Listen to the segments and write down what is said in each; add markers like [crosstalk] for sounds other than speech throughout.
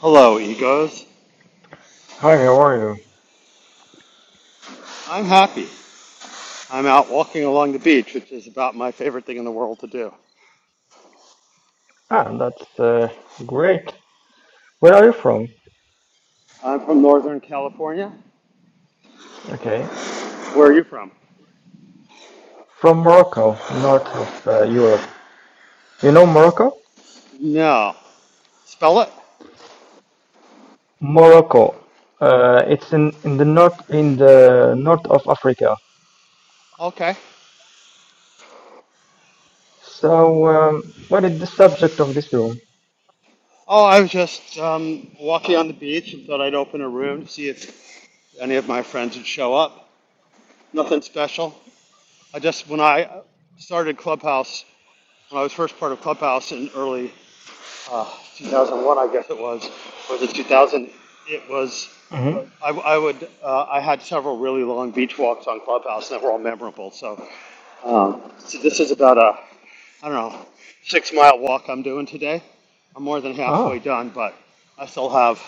Hello, egos. Hi, how are you? I'm happy. I'm out walking along the beach, which is about my favorite thing in the world to do. Ah, that's uh, great. Where are you from? I'm from Northern California. Okay. Where are you from? From Morocco, north of uh, Europe. You know Morocco? No. Spell it? Morocco. Uh, it's in, in the north in the north of Africa. Okay. So, um, what is the subject of this room? Oh, I was just um, walking on the beach and thought I'd open a room to see if any of my friends would show up. Nothing special. I just, when I started Clubhouse, when I was first part of Clubhouse in early uh, 2001, I guess it was, was it 2000? It was. hmm I, I would. Uh, I had several really long beach walks on Clubhouse, and they were all memorable. So, um, so this is about a I don't know six mile walk I'm doing today. I'm more than Ah, halfway done, but I still have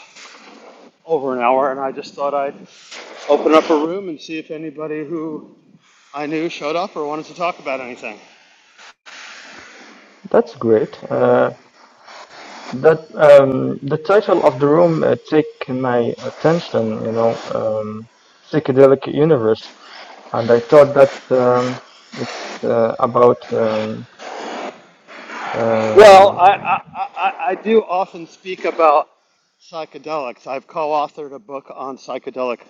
over an hour, and I just thought I'd open up a room and see if anybody who I knew showed up or wanted to talk about anything. that's great. Uh, that um, the title of the room uh, take my attention. You know, um, psychedelic universe. and I thought that um, it's uh, about. Um, Well, um, I, I, I, I do often speak about psychedelics. I've co authored a book on psychedelic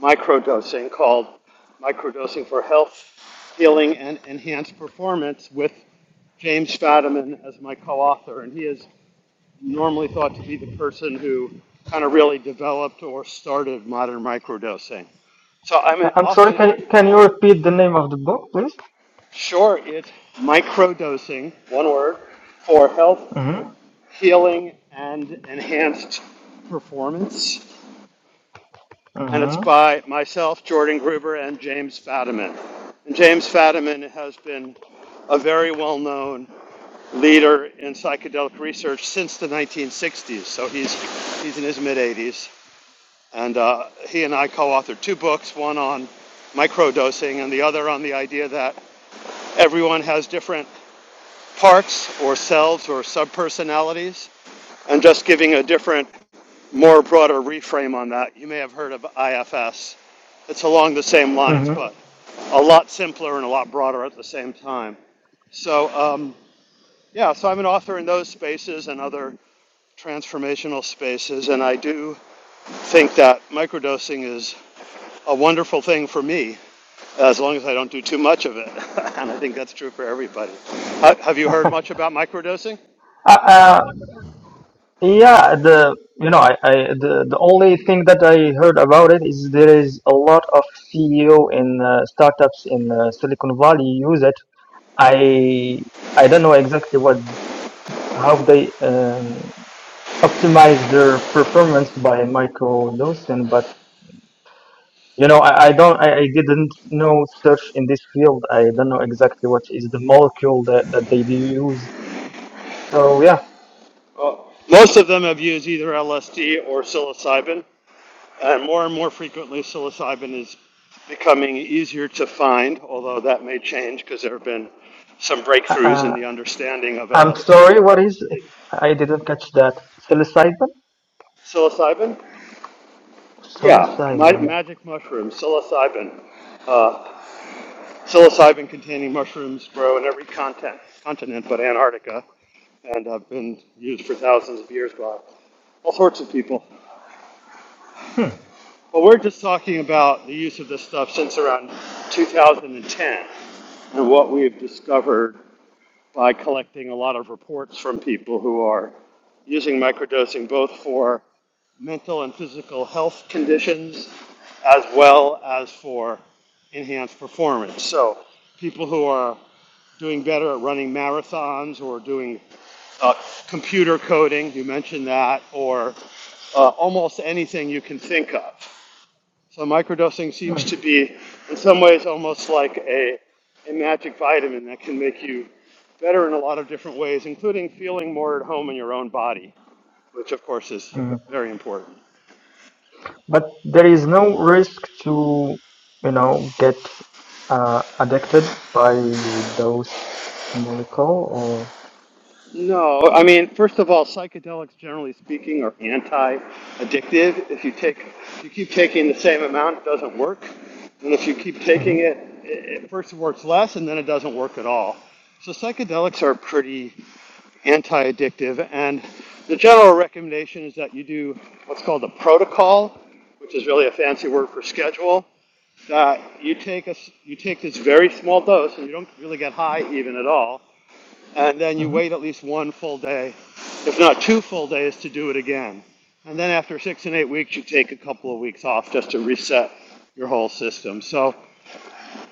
microdosing called Microdosing for Health, Healing, and Enhanced Performance with James Fadiman as my co author. And he is normally thought to be the person who kind of really developed or started modern microdosing. So I'm I- I'm sorry. often, Can can you repeat the name of the book, please? sure, it's microdosing, one word, for health Mm-hmm. Healing and Enhanced Performance. And it's Mm-hmm. by myself, Jordan Gruber, and James Fadiman. And James Fadiman has been a very well known leader in psychedelic research since the 1960s. So he's, he's in his mid 80s. And uh, he and I co authored two books, one on microdosing and the other on the idea that everyone has different parts or selves or subpersonalities and just giving a different more broader reframe on that. You may have heard of IFS. It's along the same lines, Mm-hmm. but a lot simpler and a lot broader at the same time. So, um, yeah, so I'm an author in those spaces and other transformational spaces, and I do think that microdosing is a wonderful thing for me as long as I don't do too much of it. [laughs] and I think that's true for everybody. Ha- Have you heard much about microdosing? Uh, uh, yeah. The you know I, I the the only thing that I heard about it is there is a lot of CEO in uh, startups in uh, Silicon Valley use it. I I don't know exactly what how they um, optimize their performance by microdosing, but You know, I, I don't, I, I didn't know search in this field. I don't know exactly what is the molecule that, that they do use. So yeah, Well, Most of them have used either LSD or psilocybin. And more and more frequently, psilocybin is becoming easier to find, although that may change because there have been some uh, breakthroughs in uh, the understanding of I'm LSD. sorry. What is it? I didn't catch that. Psilocybin? Psilocybin? Yeah, Psilocybin. magic mushroom, psilocybin. Uh, psilocybin containing mushrooms grow in every continent, continent but Antarctica and have been used for thousands of years by all sorts of people. Hmm. Well, we're just talking about the use of this stuff since around 2010 and what we've discovered by collecting a lot of reports from people who are using microdosing both for mental and physical health conditions as well as for enhanced performance. So, people who are doing better at running marathons or doing uh, computer coding, you mentioned that, or uh, almost anything you can think of. So microdosing seems hmm, to be, in some ways, almost like a, a magic vitamin that can make you better in a lot of different ways, including feeling more at home in your own body, which of course is hmm. very important. But there is no risk to, you know, get uh, addicted by those molecule or. No, I mean, first of all, psychedelics, generally speaking, are anti-addictive. If you take, if you keep taking the same amount, it doesn't work. And if you keep hmm taking it, it, it first it works less, and then it doesn't work at all. So psychedelics are pretty anti-addictive, and the general recommendation is that you do what's called a protocol, which is really a fancy word for schedule. That you take a s you take this very small dose, and you don't really get high even at all and then you hmm wait at least one full day, if not two full days, to do it again. And then after six and eight weeks, you take a couple of weeks off just to reset your whole system. So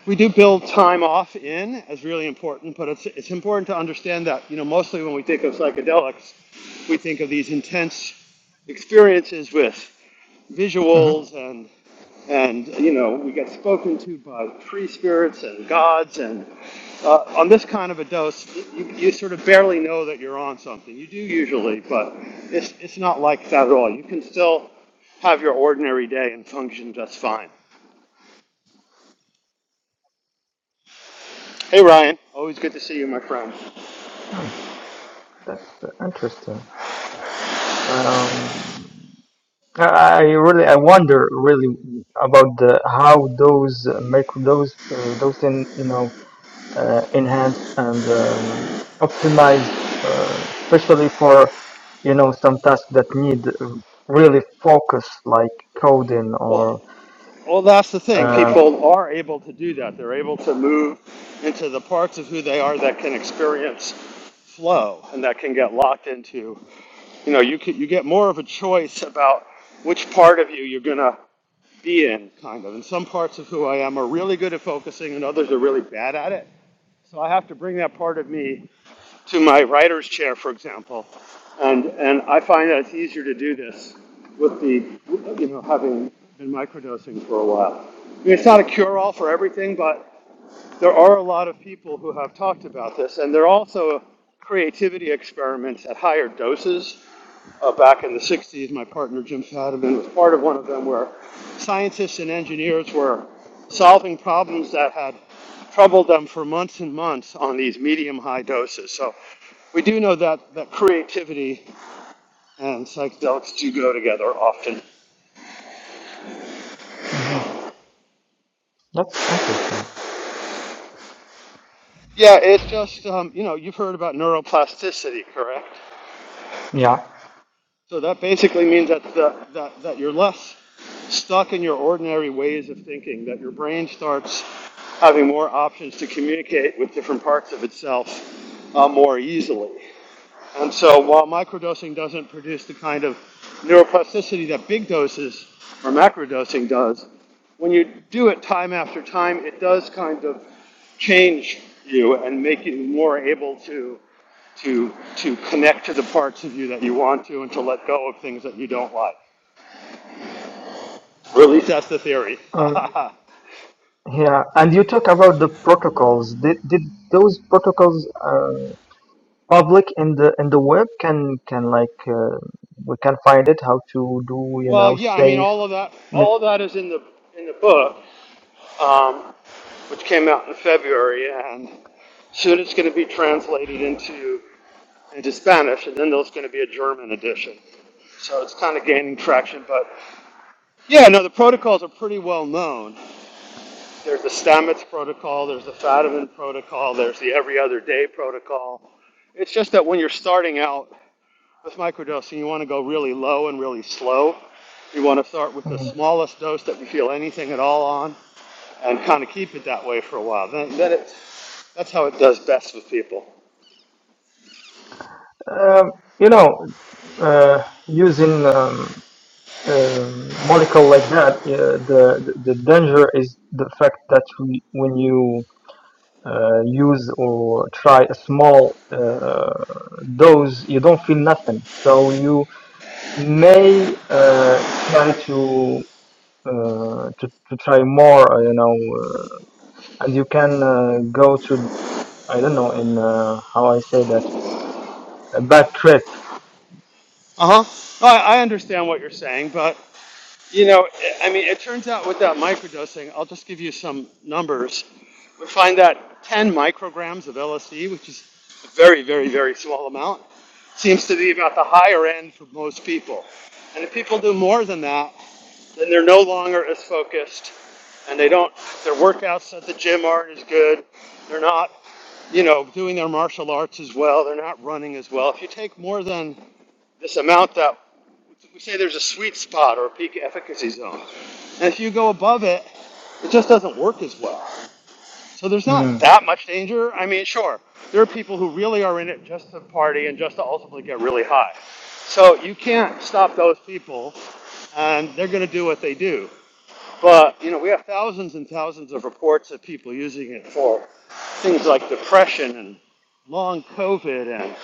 we do build time off in as really important, but it's, it's important to understand that, you know, mostly when we think of psychedelics, we think of these intense experiences with hmm visuals and and you know we get spoken to by tree spirits and gods and uh, on this kind of a dose you, you sort of barely know that you're on something you do usually but it's, it's not like that at all you can still have your ordinary day and function just fine hey ryan always good to see you my friend hmm. That's interesting. Um, I really I wonder really about the how those uh, micro those uh, those in you know uh, enhance and um, optimize uh, especially for you know some tasks that need uh, really focus like coding or well well that's the thing uh, people are able to do that they're able to move into the parts of who they are that can experience flow and that can get locked into you know you can, you get more of a choice about which part of you you're gonna be in kind of and some parts of who i am are really good at focusing and others are really bad at it so i have to bring that part of me to my writer's chair for example and and i find that it's easier to do this with the you know having been microdosing for a while I mean, it's not a cure-all for everything but there are a lot of people who have talked about this, and there are also creativity experiments at higher doses. Uh, back in the 60s, my partner Jim Fadiman was part of one of them where scientists and engineers were solving problems that had troubled them for months and months on these medium high doses. So we do know that, that creativity and psychedelics do go together often. mhm. that's interesting Yeah, it's just, um, you know, you've heard about neuroplasticity, correct? yeah So that basically means that, that, that, that you're less stuck in your ordinary ways of thinking, that your brain starts having more options to communicate with different parts of itself uh, more easily. And so while microdosing doesn't produce the kind of neuroplasticity that big doses or macrodosing does, when you do it time after time, it does kind of change you and make you more able to to to connect to the parts of you that you want to and to let go of things that you don't like. Or at least that's the theory. um, [laughs] yeah and you talk about the protocols did, did those protocols Um, public in the in the web can can like uh, we can find it how to do you Well, know yeah, I mean, safe all of that, mi- all of that is in the in the book, um, which came out in February, and soon it's going to be translated into into Spanish, and then there's going to be a German edition. So it's kind of gaining traction, but yeah, no, the protocols are pretty well known. There's the Stamets protocol, there's the Fadiman protocol, there's the every other day protocol. It's just that when you're starting out with microdosing, you want to go really low and really slow. You want to start with the smallest dose that you feel anything at all on and kind of keep it that way for a while. Then, then it, that's how it does best with people. um, you know uh, using um, um molecule like that uh, the the the danger is the fact that we, when you uh, use or try a small uh, dose you don't feel nothing so you may uh, try to uh, to, to try more uh, you know uh, and you can uh, go to I don't know in uh, how I say that a bad trip. Uh huh. I, I understand what you're saying, but you know, I I mean, it turns out with that microdosing, I'll just give you some numbers. We find that 10 micrograms of LSD, which is a very, very, very small amount, seems to be about the higher end for most people. And if people do more than that, then they're no longer as focused and they don't their workouts at the gym aren't as good they're not you know doing their martial arts as well they're not running as well if you take more than this amount that we say there's a sweet spot or a peak efficacy zone and if you go above it it just doesn't work as well so there's not Mm. that much danger i mean sure there are people who really are in it just to party and just to ultimately get really high so you can't stop those people and they're going to do what they do but you know, we have thousands and thousands of reports of people using it for things like depression and long COVID, and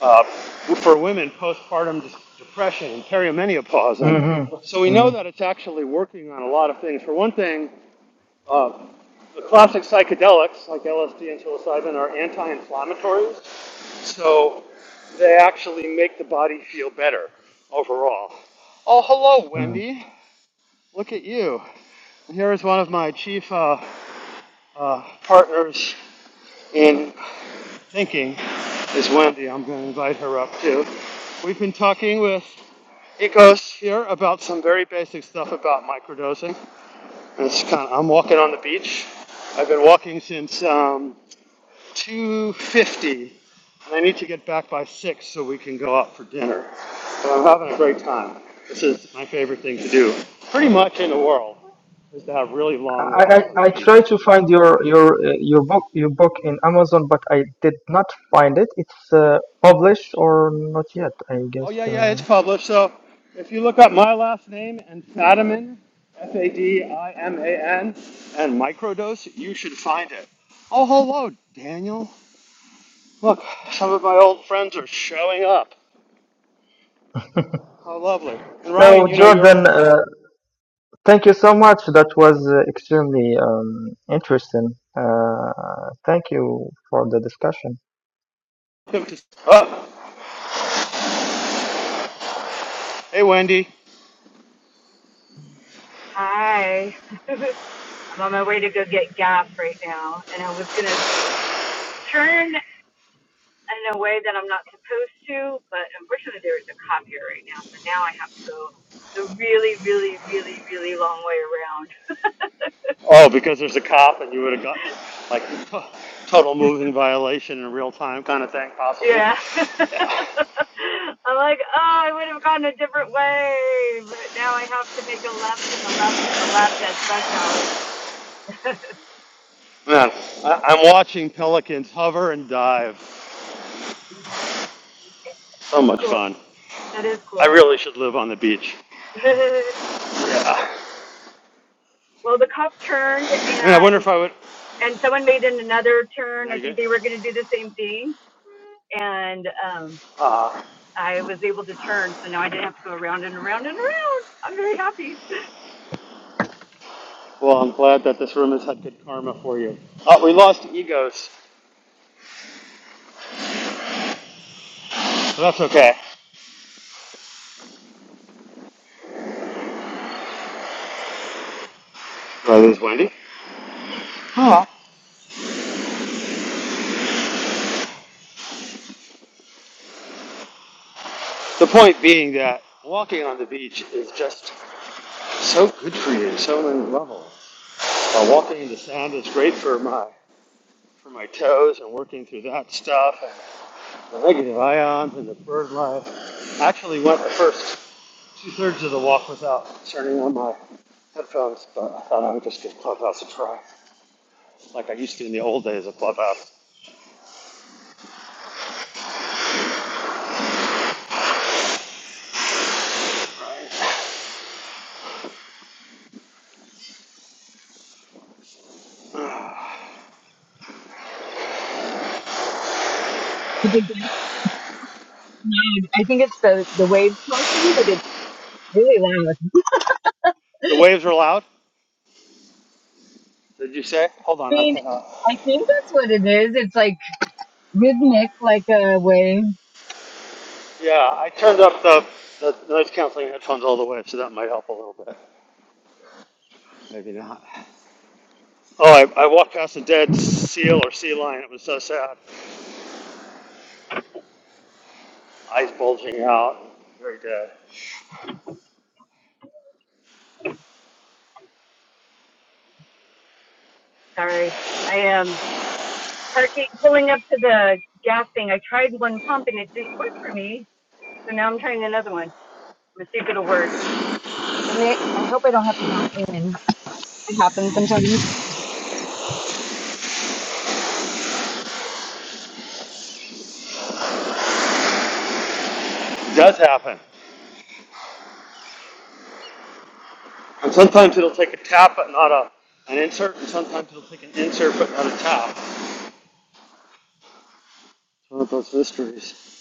uh, for women postpartum depression and perimenopause. And so Mm-hmm. we Mm. know that it's actually working on a lot of things. For one thing, uh, the classic psychedelics like LSD and psilocybin are anti-inflammatories, so they actually make the body feel better overall. Oh, hello, Mm. Wendy. Look at you. Here is one of my chief uh, uh, partners in thinking, is Wendy. I'm going to invite her up too. We've been talking with Ecos here about some very basic stuff about microdosing. It's kind of, I'm walking on the beach. I've been walking since um, 2:50, and I need to get back by six so we can go out for dinner. But I'm having a great time. This is my favorite thing to do, pretty much in the world, is to have really long I, walks on I the I beach. tried to find your your uh, your book your book in Amazon, but I did not find it. It's uh, published or not yet, I Oh guess. yeah, yeah, Uh, it's published. So if you look up my last name and Fadiman, F A D I M A N, and microdose, you should find it. Oh hello, Daniel. Look, some of my old friends are showing up. How lovely. And Ryan, so you know you're Jordan, uh, thank you so much. That was uh, extremely um, interesting. Uh, thank you for the discussion. welcome Oh, hey Wendy. Hi. [laughs] I'm on my way to go get gas right now, and I was gonna turn in a way that I'm not supposed to, but unfortunately there is a cop here right now, so now I have to go the really, really, really, really long way around. [laughs] Oh, because there's a cop and you would have got like total moving violation in real time kind of thing possible. Yeah. [laughs] Yeah. I'm like, oh, I would have gone a different way, but now I have to make a left and a left and a left at rush hour. [laughs] Man, I- I'm watching pelicans hover and dive. So That's much cool. fun. That is cool. I really should live on the beach. [laughs] Yeah. well, the cop turned I mean, I and wonder if I would. and someone made in another turn. Now I you're think gonna. they were going to do the same thing, and um, Ah. Uh, I was able to turn, so now I didn't have to go around and around and around. I'm very happy. well, I'm glad that this room has had good karma for you. Oh, we lost egos. But that's okay. Did I lose Wendy? Oh. The point being that walking on the beach is just so good for you, so many levels. Uh, walking in the sand is great for my for my toes and working through that stuff and the negative ions and the bird life. I actually went the first Two thirds of the walk without turning on my headphones, but I thought I would just give Clubhouse a try, like I used to in the old days of Clubhouse. I think it's the the waves portion, but it's really loud. The waves are loud. Did you say? Hold I on, I mean, cannot. I think that's what it is. It's like rhythmic, like a wave. Yeah, I turned up the, the noise canceling headphones all the way, so that might help a little bit. Maybe not. Oh, I, I walked past a dead seal or sea lion. It was so sad. Eyes bulging out. Very dead. Sorry, I am um, parking, pulling up to the gas thing. I tried one pump and it didn't work for me, so now I'm trying another one. Let's see if it'll work. It makes It does happen. And sometimes it'll take a tap, but not a, an insert, and sometimes it'll take an insert, but not a tap. One of those mysteries.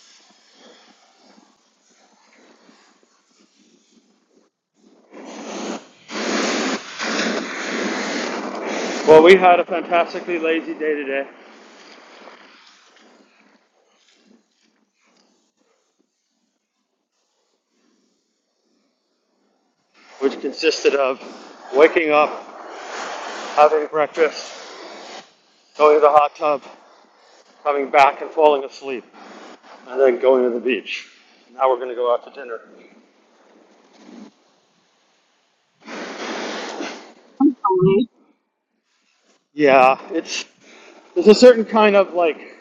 Well, we had a fantastically lazy day today, which consisted of waking up, having breakfast, going to the hot tub, coming back and falling asleep, and then going to the beach. Now we're going to go out to dinner. a life Yeah, it's there's a certain kind of like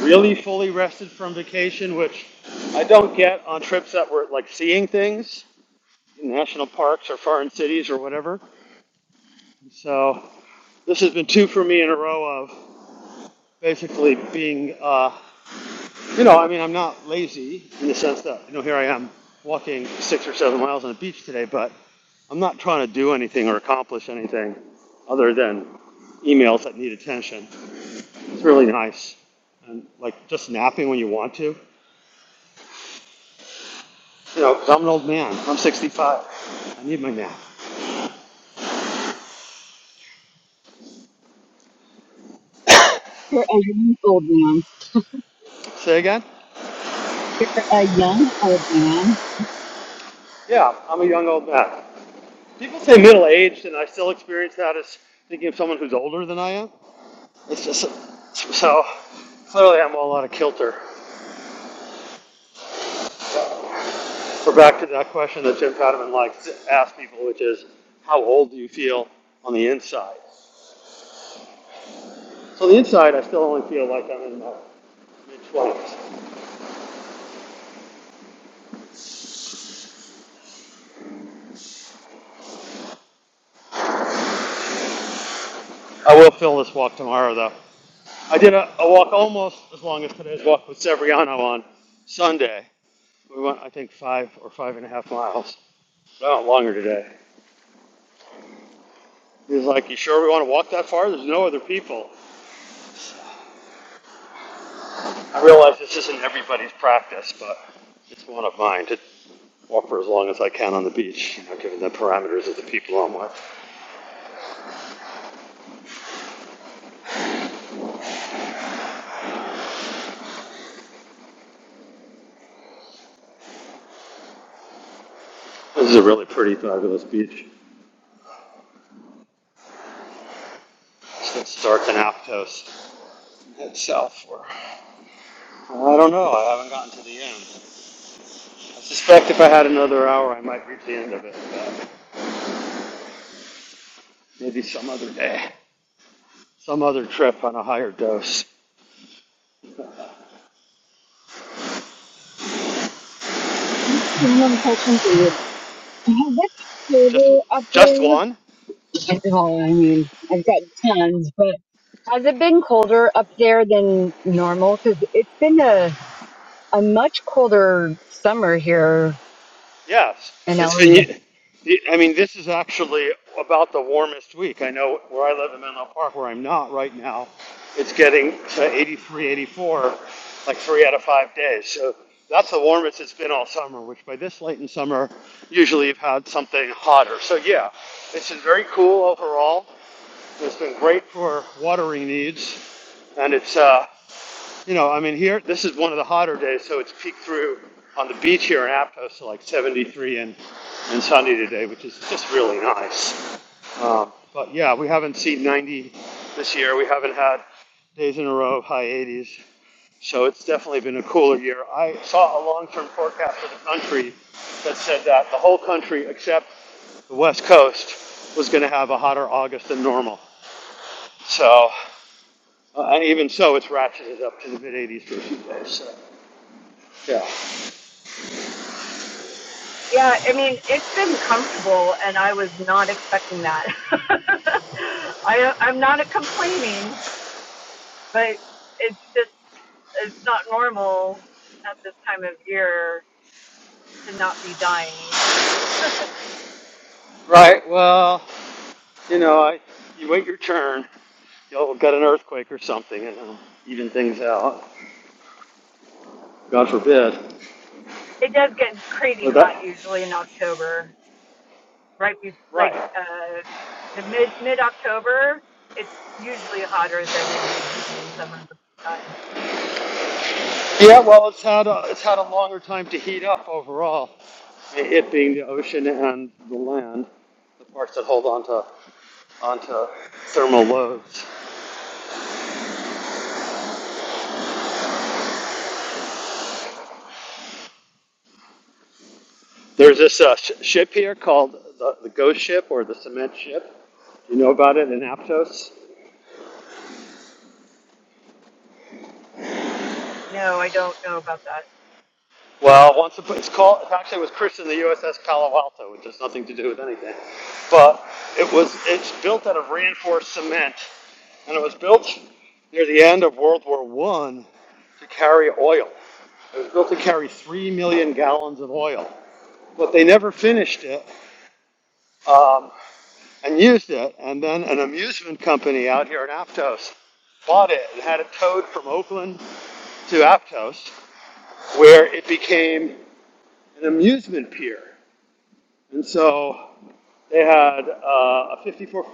really fully rested from vacation, which I don't get on trips that were like seeing things in national parks or foreign cities or whatever. So this has been two for me in a row of basically being, uh, you know, I mean, I'm not lazy in the sense that, you know, here I am walking six or seven miles on the beach today, but I'm not trying to do anything or accomplish anything other than emails that need attention. It's really nice. And like just napping when you want to, you know, because 'cause I'm an old man. I'm 65. I need my nap. for everyone old man. Say again? a young old man. Yeah, I'm a young old man. People say middle aged, and I still experience that as thinking of someone who's older than I am. It's just so clearly I'm all out of kilter. We're back to that question that Jim Fadiman likes to ask people, which is, how old do you feel on the inside? So on the inside, I still only feel like I'm in my mid 20s. I will fill this walk tomorrow, though. I did a, a walk almost as long as today's walk with Severiano on Sunday. We went, I think, five or five and a half miles. No, longer today. He's like, "You sure we want to walk that far? There's no other people." I realize this isn't everybody's practice, but it's one of mine to walk for as long as I can on the beach, you know, given the parameters of the people I'm with. This is a really pretty, fabulous beach. Since Stark and Aptos head south for, I don't know, I haven't gotten to the end. I suspect if I had another hour, I might reach the end of it, but maybe some other day, some other trip on a higher dose. Random question for you. [laughs] What's it Just, colder up just there? one? Well, I mean, I've got tons, but has it been colder up there than normal? Because it's been a, a much colder summer here Yes, in it's been. LA. I mean, this is actually about the warmest week. I know where I live in Menlo Park, where I'm not right now, it's getting to 83, 84, like three out of five days. So that's the warmest it's been all summer. Which by this late in summer, usually you've had something hotter. So yeah, it's been very cool overall. It's been great for watering needs, and it's uh, you know, I mean, here, this is one of the hotter days, so it's peaked through on the beach here in Aptos to like 73 and, and sunny today, which is just really nice. Um, but yeah, we haven't seen 90 this year. We haven't had days in a row of high 80s. So it's definitely been a cooler year. I saw a long term forecast for the country that said that the whole country, except the West Coast, was going to have a hotter August than normal. So, uh, and even so, it's ratcheted up to the mid 80s for a few days. So. Yeah. Yeah, I mean, it's been comfortable, and I was not expecting that. [laughs] I, I'm not a complaining, but it's just it's not normal at this time of year to not be dying. Right. Well, you know, I, you wait your turn. You'll get an earthquake or something, and it'll even things out. God forbid. it does get crazy But hot that. usually in October, right? Be- like Right. uh, the mid mid October, it's usually hotter than it is even in summer. Uh, Yeah. Well, it's had a, it's had a longer time to heat up overall. It being the ocean and the land, the parts that hold onto onto thermal loads. There's this uh, sh- ship here called the, the Ghost Ship or the Cement Ship. You know about it in Aptos? no, I don't know about that. Well, once it- it's called, it actually was christened the USS Palo Alto, which has nothing to do with anything. But it was, it's built out of reinforced cement, and it was built near the end of World War One to carry oil. It was built to carry three million gallons of oil, but they never finished it um, and used it. And then an amusement company out here in Aptos bought it and had it towed from Oakland to Aptos, where it became an amusement pier. And so they had uh, a 54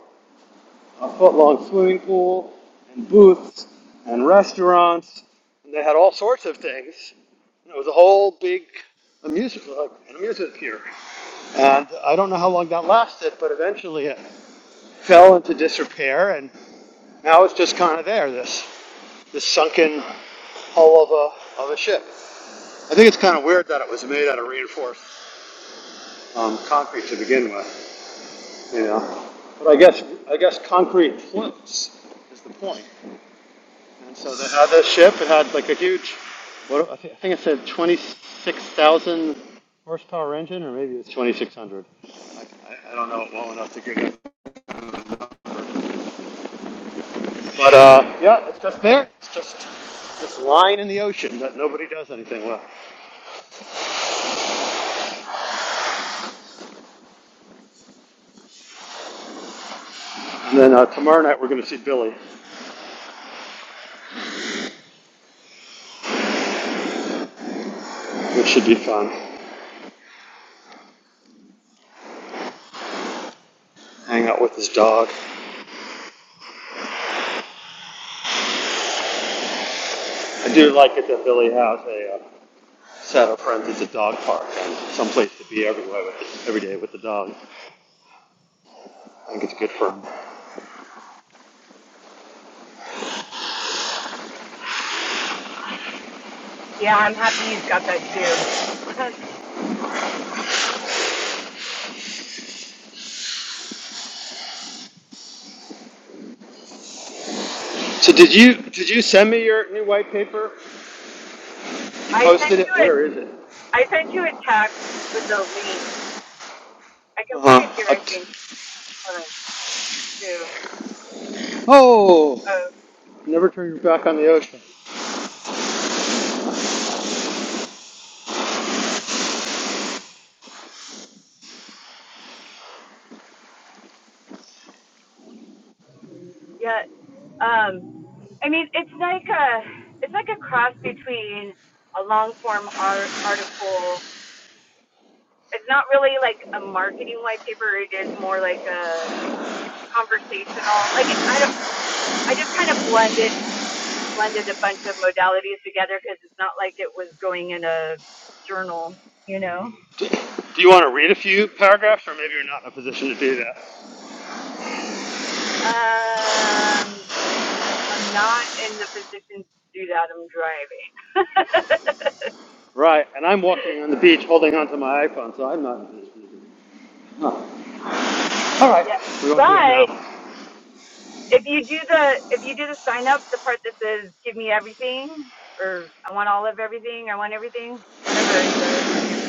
foot long swimming pool and booths and restaurants, and they had all sorts of things. And it was a whole big amusement, like an amusement pier. And I don't know how long that lasted, but eventually it fell into disrepair, and now it's just kind of there, this, this sunken hull of a, of a ship. I think it's kind of weird that it was made out of reinforced um, concrete to begin with. Yeah. But I guess, I guess concrete floats is the point. And so they had this ship, it had like a huge, what, I thi- I think it said 26,000 horsepower engine, or maybe it was 2,600. I, I don't know it well enough to give it. But uh, yeah, it's just there. It's just this line in the ocean that nobody does anything with. And then uh, tomorrow night we're going to see Billy, which should be fun. Hang out with his dog. I do like it that Billy has a uh, Saddle friends as a dog park and someplace to be everywhere with, every day with the dog. I think it's good for him. Yeah, I'm happy you've got that too. [laughs] So did you did you send me your new white paper? You I sent posted it. you it. Where is it? I sent you a text with the link. I can put Uh it here. huh. I think Hold on too. oh, Oh never turn your back on the ocean. yeah. Um, I mean, it's like a it's like a cross between a long form art article it's not really like a marketing white paper. It is more like a conversational. Like I don't, I just kind of blended blended a bunch of modalities together because it's not like it was going in a journal, you know. Do you want to read a few paragraphs, or maybe you're not in a position to do that? Um, I'm not in the position to do that. I'm driving. Right. And I'm walking on the beach, holding onto my iPhone, so I'm not in a position. to- Huh. All right. [laughs] yeah, We won't do it but now. if you do the if you do the sign up, the part that says "Give me everything" or "I want all of everything," "I want everything," whatever I wrote, I can't.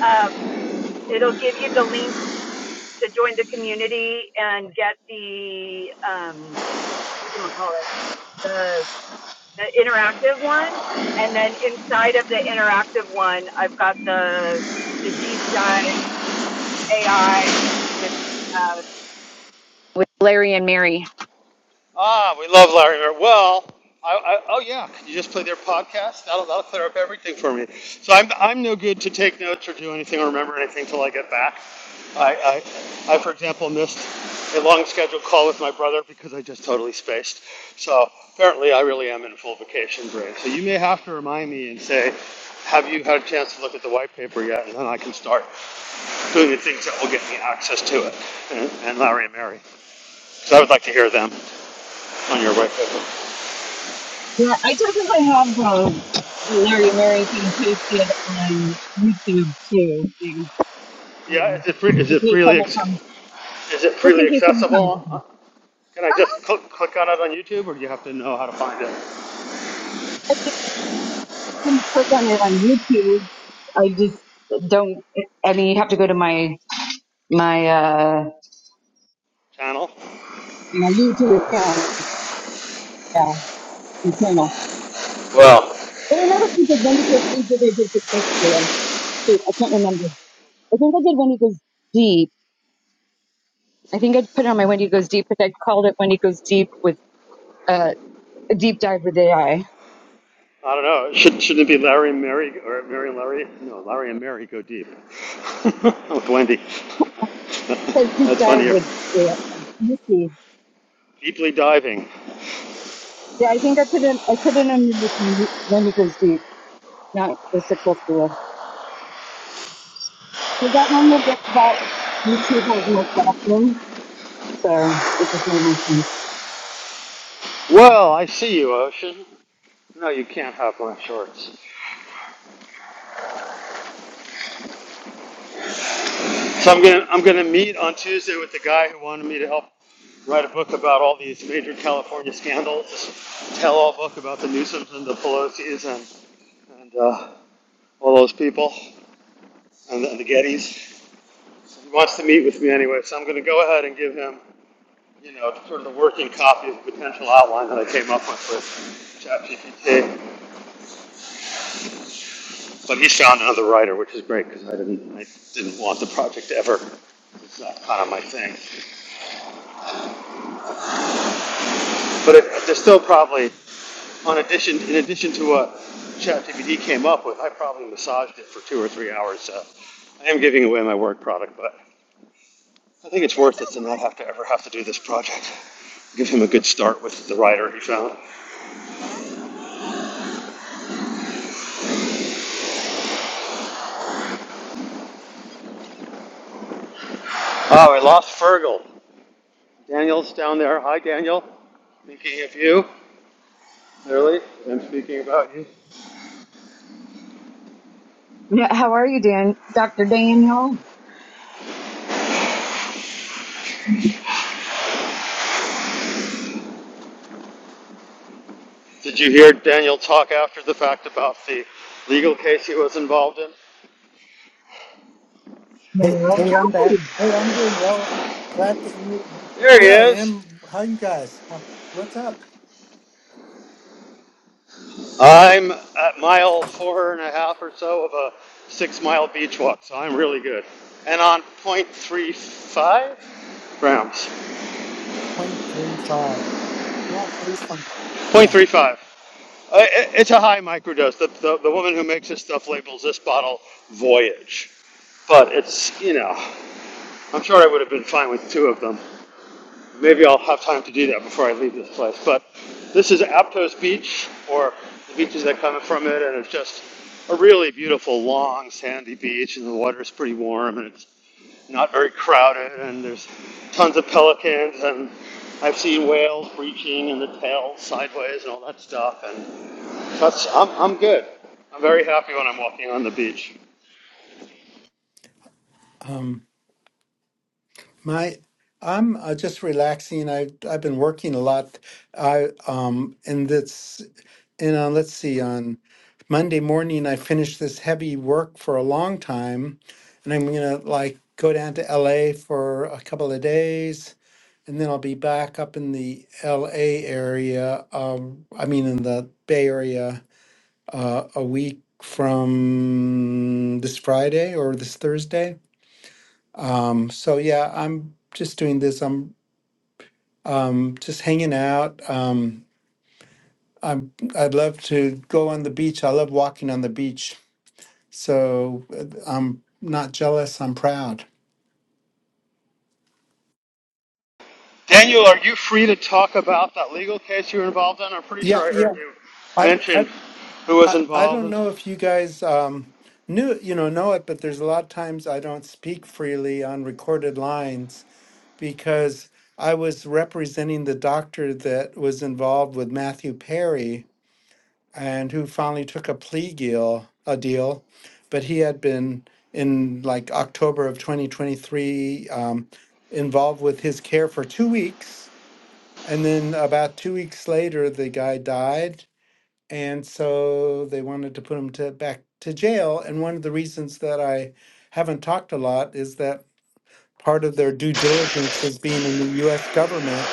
remember. Um. It'll give you the link to join the community and get the um what do call it the the interactive one. And then inside of the interactive one, I've got the the deep dive AI with uh, with Larry and Mary. Ah, we love Larry Miller. Well, I, I, oh yeah, could you just play their podcast? That'll that'll clear up everything for me. So I'm I'm no good to take notes or do anything or remember anything till I get back. I I, I for example missed a long scheduled call with my brother because I just totally spaced. So apparently I really am in full vacation brain. So you may have to remind me and say, have you had a chance to look at the white paper yet? And then I can start doing the things that will get me access to it. And, and Larry and Mary. So I would like to hear them on your white paper. Yeah, I definitely have the, the Larry and Mary thing posted on YouTube too. So, Yeah, yeah. is it free, just is In it case freely, someone comes, ex- is it just in freely case someone accessible? Uh, comes. Can [laughs] I just click, click on it on YouTube or do you have to know how to find it? can click on it on YouTube. I just don't. I mean, you have to go to my my uh Channel? my YouTube account. Yeah, my channel. Well, There were another thing that Wendy goes deep that I did the text Shoot, I can't remember. I think I did Wendy goes deep. I think I put it on my Wendy goes deep, but I called it Wendy goes deep with uh, a deep dive with AI. I don't know. Should, shouldn't it be Larry and Mary or Mary and Larry? No, Larry and Mary go deep. [laughs] With Wendy. [laughs] It says deep That's dive funnier. with AI. Let me see. Deeply diving. Yeah, I think I put in I put it under this Wendy Wendy goes deep, not the 650. Is that one with the- that YouTube has Miss Jackson? So it just made me think. Well, I see you, Ocean. No, you can't have my shorts. So I'm gonna I'm gonna meet on Tuesday with the guy who wanted me to help write a book about all these major California scandals, this tell-all book about the Newsoms and the Pelosi's and and uh, all those people and, and the Gettys. So He wants to meet with me anyway, so I'm gonna go ahead and give him you know sort of the working copy of the potential outline that I came up with with ChatGPT. But he's found another writer, which is great because I didn't I didn't want the project ever it's not kind of my thing. But it, there's still probably on addition, in addition to what ChatGPT came up with, I probably massaged it for two or three hours. So I am giving away my work product, but I think it's worth it to not have to ever have to do this project. Give him a good start with the writer he found. Oh, I lost Fergal. Daniel's down there. Hi, Daniel. Thinking of you, clearly. I'm speaking about you. Yeah, how are you, Dan? Dr. Daniel? Did you hear Daniel talk after the fact about the legal case he was involved in? Hey, No. hey, I'm Hi. back. Hey, I'm doing well. Glad that you. There he Here I is. am. How you guys? Huh, What's up? I'm at mile four and a half or so of a six mile beach walk, so I'm really good. And on 0.35 grams. Point three five. Not three point. Yeah. 0.35. Uh, It's a high microdose. The, the, the woman who makes this stuff labels this bottle Voyage. But it's, you know, I'm sure I would have been fine with two of them. Maybe I'll have time to do that before I leave this place. But this is Aptos Beach, or the beaches that come from it, and it's just a really beautiful, long, sandy beach, and the water is pretty warm, and it's not very crowded, and there's tons of pelicans, and I've seen whales breaching and the tail sideways and all that stuff, and that's I'm, I'm good. I'm very happy when I'm walking on the beach. Um. My. I'm uh, just relaxing. I I've been working a lot. I um. And this. and on let's see on monday morning i finished this heavy work for a long time and i'm gonna like go down to la for a couple of days and then i'll be back up in the la area um, i mean in the bay area uh, a week from this friday or this thursday um, so yeah i'm just doing this i'm um, just hanging out um, I'm, I'd love to go on the beach. I love walking on the beach So uh, I'm not jealous. I'm proud. Daniel, are you free to talk about that legal case you were involved in? I'm pretty sure Yeah, I heard yeah. you I, I, mention who was I I involved, don't in, know if you guys um, knew, you know, know it, but there's a lot of times I don't speak freely on recorded lines because I was representing the doctor that was involved with Matthew Perry and who finally took a plea deal, a deal, but he had been in like October of 2023 um, involved with his care for two weeks And then about two weeks later, the guy died. And so they wanted to put him to, back to jail. And one of the reasons that I haven't talked a lot is that part of their due diligence is being in the US government,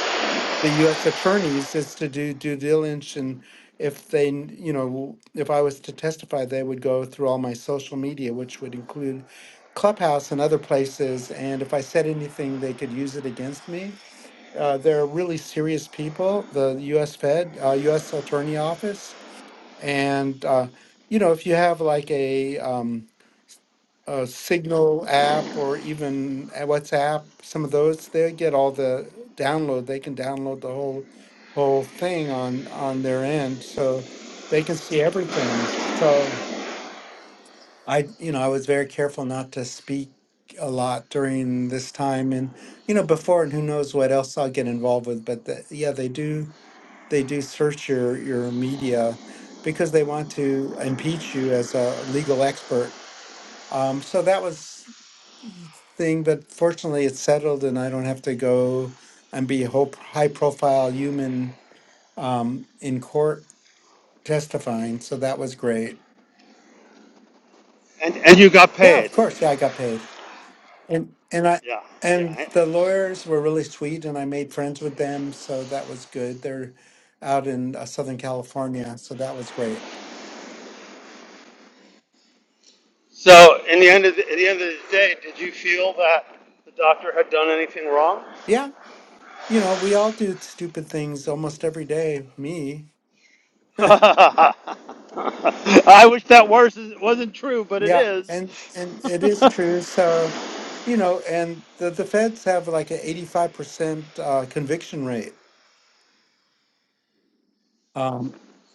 the US attorneys is to do due diligence. And if they, n- you know, if I was to testify, they would go through all my social media, which would include Clubhouse and other places. And if I said anything, they could use it against me. Uh, they're really serious people, the US Fed, uh, US Attorney Office. And, uh, you know, if you have like a, um, a Signal app or even a WhatsApp, some of those, they get all the download. They can download the whole whole thing on on their end, so they can see everything. So I, you know, I was very careful not to speak a lot during this time, and you know, before, and who knows what else I'll get involved with. But the, yeah, they do they do search your your media because they want to impeach you as a legal expert. Um, so that was thing, but fortunately, it's settled, and I don't have to go and be a whole high profile human um, in court testifying. So that was great. and and you got Yeah, paid. of course. Yeah, I got paid, and and I Yeah, and yeah. the lawyers were really sweet, and I made friends with them, so that was good. They're out in uh, Southern California, so that was great. So, in the end of the, at the end of the day, did you feel that the doctor had done anything wrong? Yeah. You know, we all do stupid things almost every day, me. [laughs] I wish that worse wasn't true, but it Yeah, is. and and it [laughs] is true. So, you know, and the the feds have like an 85% uh conviction rate. Um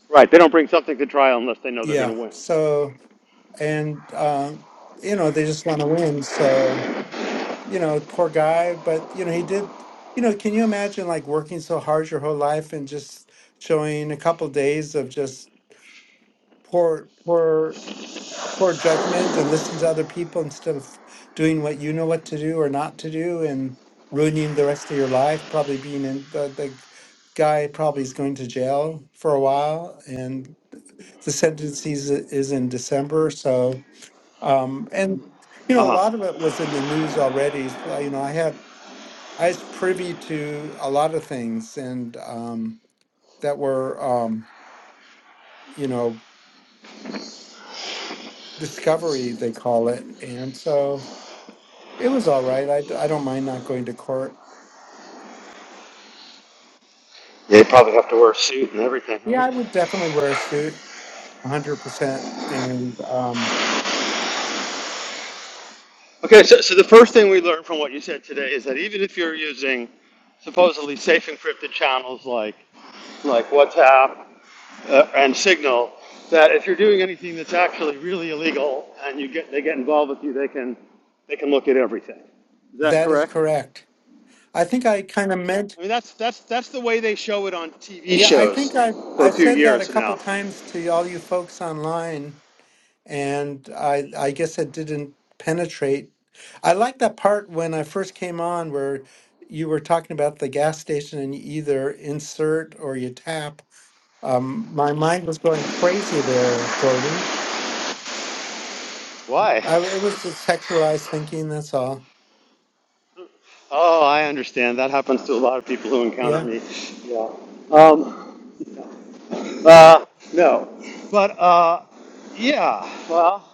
right, they don't bring something to trial unless they know they're going to yeah, win. so and um you know, they just want to win. So, you know, poor guy, but you know, he did, you know, can you imagine like working so hard your whole life and just showing a couple days of just poor poor poor judgment and listening to other people instead of doing what you know what to do or not to do and ruining the rest of your life. Probably being in the, the guy probably is going to jail for a while, and the sentence is, is in December. So, um, and you know, a Uh huh. lot of it was in the news already. So, you know, I had I was privy to a lot of things and um, that were um, you know discovery they call it, and so. It was all right. I, I don't mind not going to court. They probably have to wear a suit and everything, Yeah, right? I would definitely wear a suit, 100%. And um, Okay, so, so the first thing we learned from what you said today is that even if you're using supposedly safe encrypted channels like like WhatsApp uh, and Signal, that if you're doing anything that's actually really illegal and you get they get involved with you, they can they can look at everything. Is that that is correct? correct. I think I kind of meant, I mean, that's that's that's the way they show it on TV yeah, I shows think I, for a I've few said that a years couple now. times to all you folks online, and I, I guess it didn't penetrate. I like that part when I first came on where you were talking about the gas station and you either insert or you tap. Um, my mind was going crazy there, Jordan. Why? I, it was just sexualized thinking. That's all. Oh, I understand. That happens to a lot of people who encounter Yeah. me. Yeah. Um, Uh, no, but uh, yeah, well,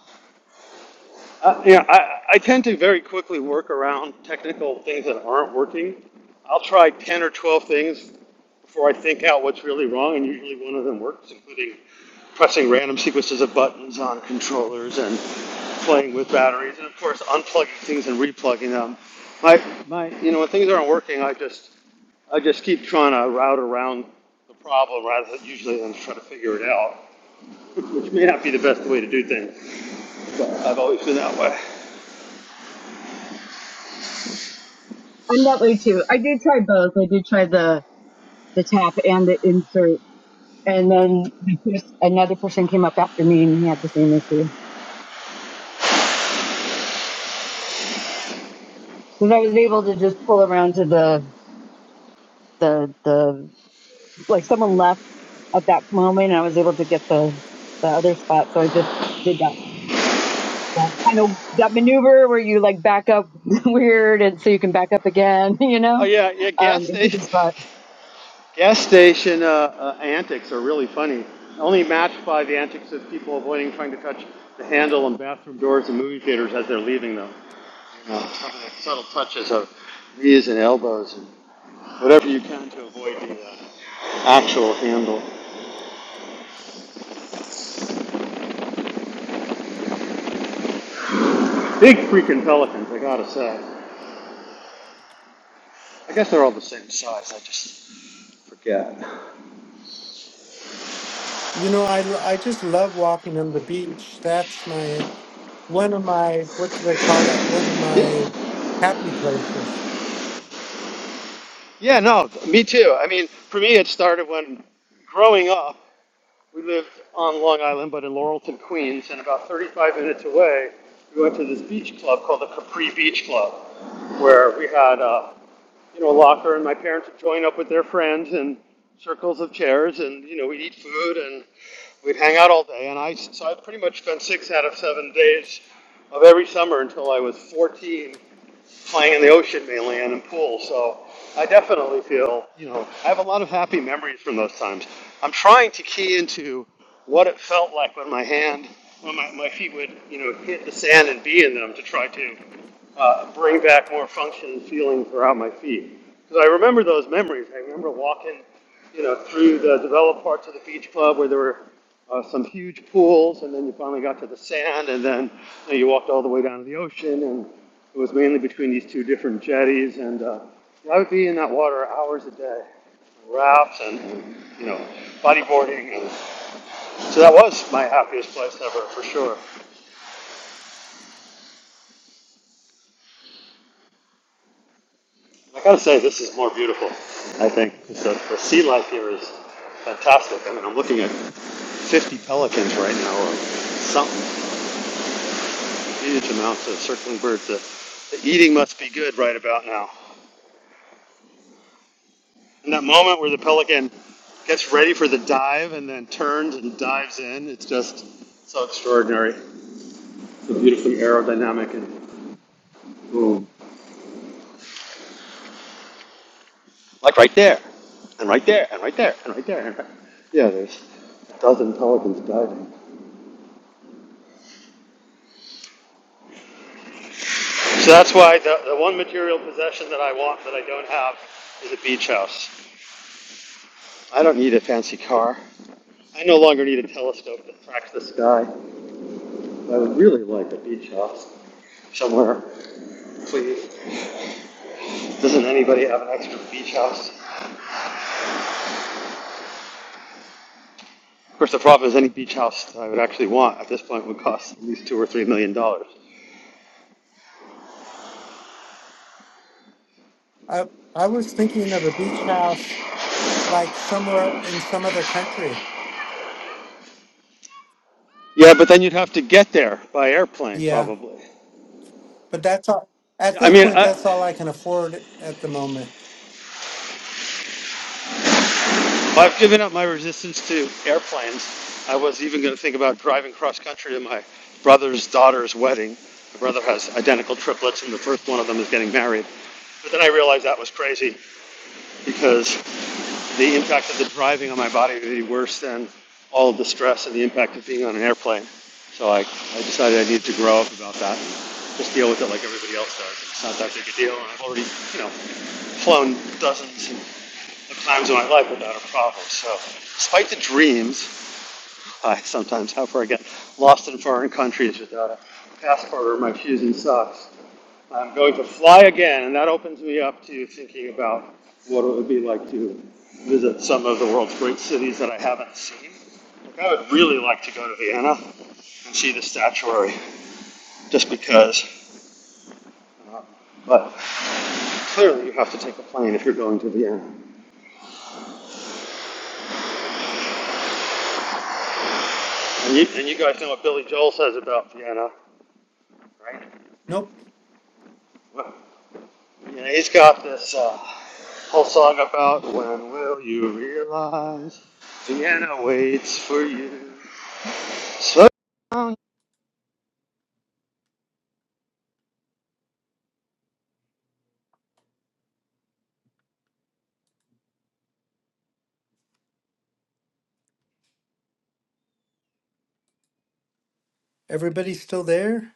uh, you know, I, I tend to very quickly work around technical things that aren't working. I'll try 10 or 12 things before I think out what's really wrong, and usually one of them works, including pressing random sequences of buttons on controllers and playing with batteries, and of course, unplugging things and replugging them. My, my, you know, when things aren't working, I just, I just keep trying to route around the problem rather than usually than try to figure it out which may not be the best way to do things. But I've always been that way. I'm that way too. I did try both. I did try the the tap and the insert, and then just another person came up after me and he had the same issue. Because I was able to just pull around to the the the like someone left at that moment. And I was able to get the the other spot, so I just did that. that kind of that maneuver where you like back up [laughs] weird and so you can back up again, [laughs] you Oh know, yeah, yeah. um, Gas into station, the spot. gas station uh, uh, antics are really funny. Only matched by the antics of people avoiding trying to touch the handle on bathroom doors and movie theaters as they're leaving them. Uh, some of the subtle touches of knees and elbows and whatever you can to avoid the uh, actual handle. Big freaking pelicans, I gotta say. I guess they're all the same size. I just forget. You know, I, l- I just love walking on the beach. That's my one of my what do they call it? One of my happy places. Yeah, no, me too. I mean, for me, it started when growing up, we lived on Long Island, but in Laurelton, Queens, and about 35 minutes away, we went to this beach club called the Capri Beach Club, where we had uh, you know, a locker, and my parents would join up with their friends in circles of chairs, and you know, we'd eat food and we'd hang out all day. And I, so I pretty much spent six out of seven days of every summer until I was 14 playing in the ocean mainly and in pools. So I definitely feel, you know, I have a lot of happy memories from those times. I'm trying to key into what it felt like when my hand, when my, my feet would, you know, hit the sand and be in them to try to uh, bring back more function and feeling throughout my feet. Because I remember those memories. I remember walking you know, through the developed parts of the beach club where there were uh, some huge pools, and then you finally got to the sand, and then you, know, you walked all the way down to the ocean, and it was mainly between these two different jetties, and uh, I would be in that water hours a day, rafts and and you know, bodyboarding, and so that was my happiest place ever for sure. I gotta say, this is more beautiful. I think so. The sea life here is fantastic. I mean, I'm looking at 50 pelicans right now, or something. Huge amounts of circling birds. The, the eating must be good right about now. In that moment where the pelican gets ready for the dive and then turns and dives in, it's just so extraordinary. So beautifully aerodynamic and boom. Like right there, and right there, and right there, and right there. And right. Yeah, there's a dozen pelicans diving. So that's why the, the one material possession that I want that I don't have is a beach house. I don't need a fancy car. I no longer need a telescope that tracks the sky. I would really like a beach house somewhere, please. Doesn't anybody have an extra beach house? Of course, the problem is any beach house that I would actually want at this point would cost at least two or three million dollars. I I was thinking of a beach house like somewhere in some other country. Yeah, but then you'd have to get there by airplane, Yeah, probably. but that's all. At Yeah, I this mean, point, I, that's all I can afford at the moment. I've given up my resistance to airplanes. I was even going to think about driving cross country to my brother's daughter's wedding. My brother has identical triplets, and the first one of them is getting married. But then I realized that was crazy because the impact of the driving on my body would be worse than all of the stress and the impact of being on an airplane. So I, I decided I needed to grow up about that and just deal with it like everybody else does. It's not that big a deal, and I've already, you know, flown dozens of times in my life without a problem. So, despite the dreams, I sometimes have where I get lost in foreign countries without a passport or my shoes and socks. I'm going to fly again, and that opens me up to thinking about what it would be like to visit some of the world's great cities that I haven't seen. Like I would really like to go to Vienna and see the statuary, just because. Um, but clearly, you have to take a plane if you're going to Vienna. And you, and you guys know what Billy Joel says about Vienna, right? Nope. Well, Yeah, he's got this uh, whole song about when will you realize Vienna waits for you. So, Everybody's still there.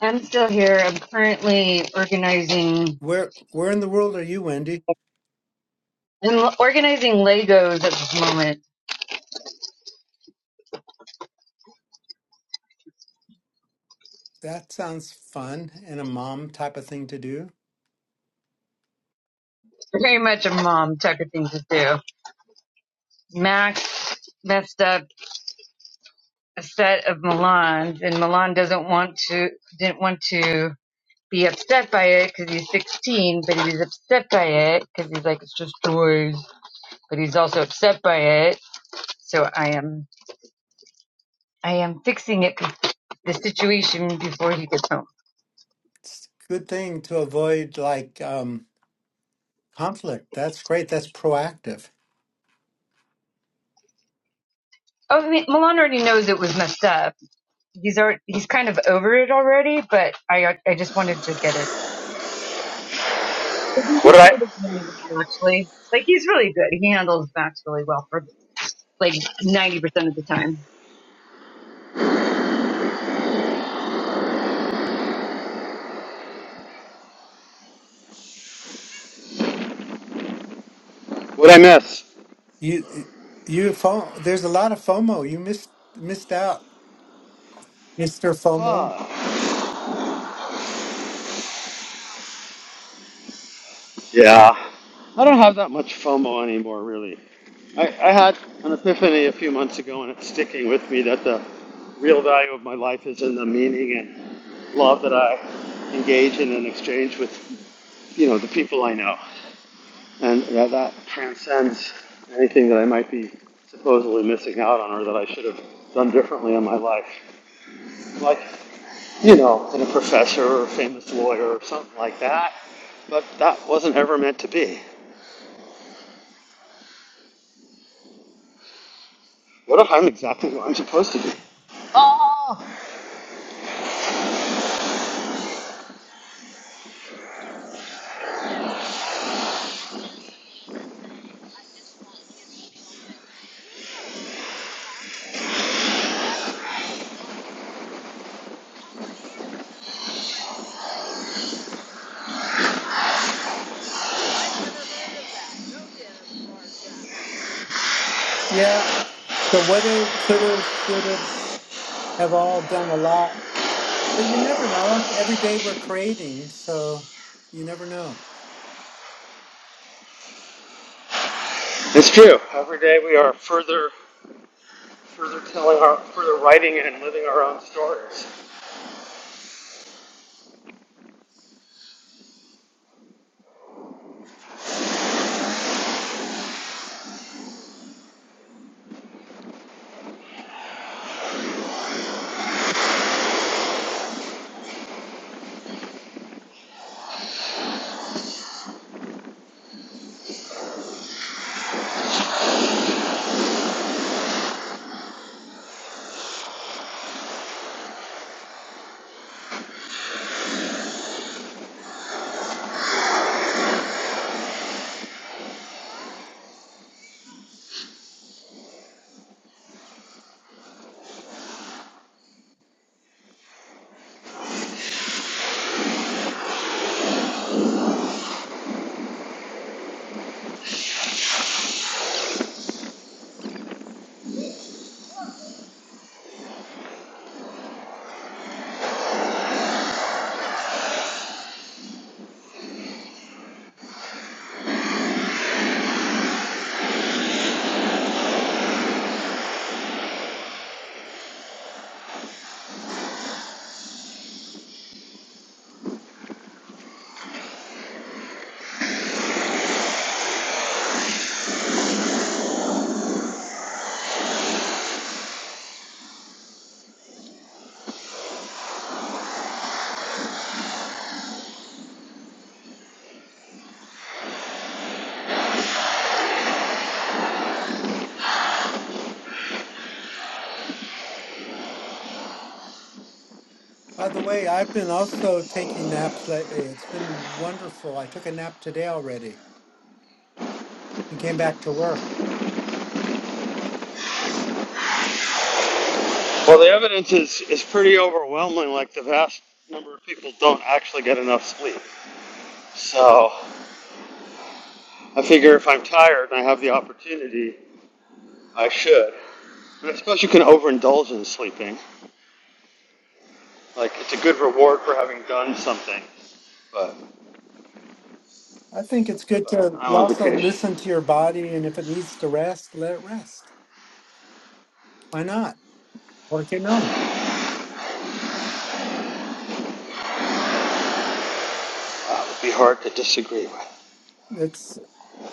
I'm still here. I'm currently organizing Where Where in the world are you, Wendy? and organizing Legos at this moment. That sounds fun and a mom type of thing to do. Very much a mom type of thing to do. Max messed up a set of Milan's and Milan doesn't want to didn't want to be upset by it because he's 16, but he was upset by it because he's like it's just toys, but he's also upset by it so I am I am fixing it, the situation before he gets home. Good thing to avoid like um, conflict. That's great. That's proactive. Oh, I mean, Milan already knows it was messed up. He's already, he's kind of over it already, but I I just wanted to get it. But he's what did I handled it really well, Actually, like he's really good. He handles Max really well for like ninety percent of the time. what did I miss? You you FOMO, there's a lot of FOMO. You missed missed out, Mr. FOMO. Fuck. Yeah, I don't have that much FOMO anymore, really. I, I had an epiphany a few months ago, and it's sticking with me that the real value of my life is in the meaning and love that I engage in and exchange with, you know, the people I know. and that that transcends anything that I might be supposedly missing out on or that I should have done differently in my life. Like, you know, in a professor or a famous lawyer or something like that. But that wasn't ever meant to be. What if I'm exactly what I'm supposed to be? Oh, Yeah, the woulda, coulda, shoulda have all done a lot, but you never know. Every day we're creating, so you never know. it's true. Every day we are further, further telling our, further writing and living our own stories. By the way, I've been also taking naps lately. It's been wonderful. I took a nap today already and came back to work. Well, the evidence is is pretty overwhelming. Like the vast number of people don't actually get enough sleep. So I figure if I'm tired and I have the opportunity, I should. And I suppose you can overindulge in sleeping. Like, it's a good reward for having done something, but, I think it's good but to I'm on also vacation. listen to your body, and if it needs to rest, let it rest. Why not? Work it out. Uh, it would be hard to disagree with. It's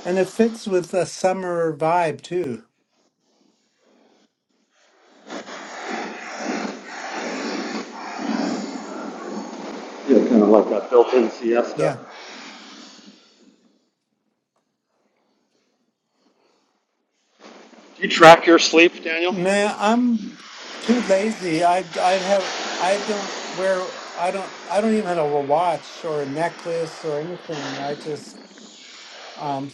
and it fits with the summer vibe too. Yeah, kind of like that built in Yeah. siesta. Do you track your sleep, Daniel? Man, I'm too lazy. I I'd I'd have I don't wear I don't I don't even have a watch or a necklace or anything. I just um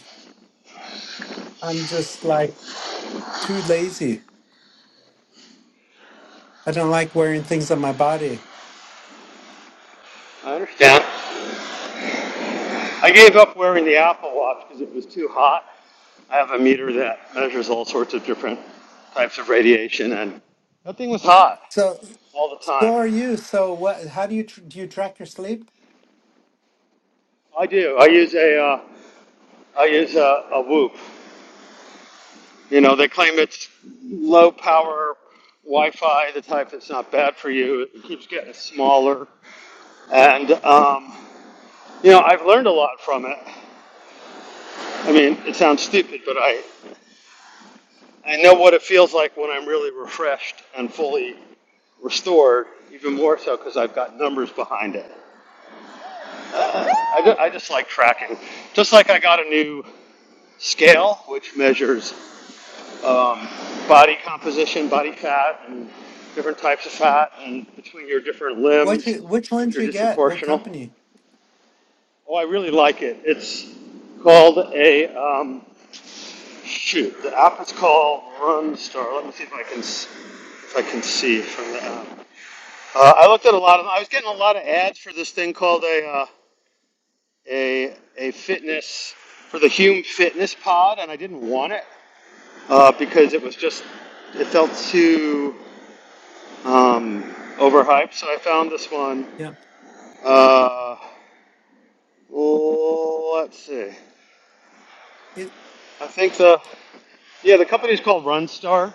I'm just like too lazy. I don't like wearing things on my body. I understand. I gave up wearing the Apple Watch because it was too hot. I have a meter that measures all sorts of different types of radiation, and that thing was hot So all the so time. are you. So what how do you tr do you track your sleep? I do. I use a uh, I use a, a Whoop. You know, they claim it's low power Wi-Fi, the type that's not bad for you. It keeps getting smaller, and um, you know, I've learned a lot from it. I mean, it sounds stupid, but I I know what it feels like when I'm really refreshed and fully restored, even more so because I've got numbers behind it. Uh, I, ju- I just like tracking. Just like I got a new scale, which measures um, body composition, body fat, and different types of fat, and between your different What limbs you which if ones you're you get? What disproportional. company? Oh, I really like it. It's called a um, shoot. The app is called RunStar. Let me see if I can if I can see from the app. Uh, I looked at a lot of. I was getting a lot of ads for this thing called a uh, a a fitness for the Hume Fitness Pod, and I didn't want it uh, because it was just it felt too um, overhyped. So I found this one. Yeah. Uh, let's see. It I think the yeah the company's called Runstar, and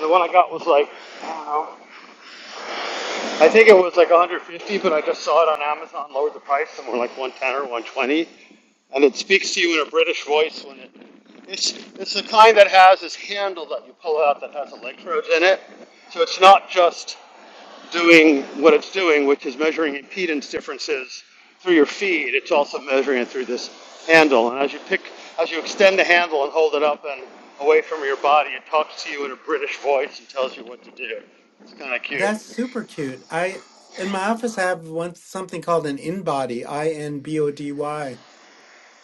the one I got was like uh, I think it was like 150, but I just saw it on Amazon, lowered the price somewhere like 110 or 120. And it speaks to you in a British voice when it. It's, it's the kind that has this handle that you pull out that has electrodes in it. So it's not just doing what it's doing, which is measuring impedance differences through your feed. It's also measuring it through this handle. And as you pick, as you extend the handle and hold it up and away from your body, it talks to you in a British voice and tells you what to do. It's kind of cute. that's super cute. I in my office I have one something called an InBody, I N B O D Y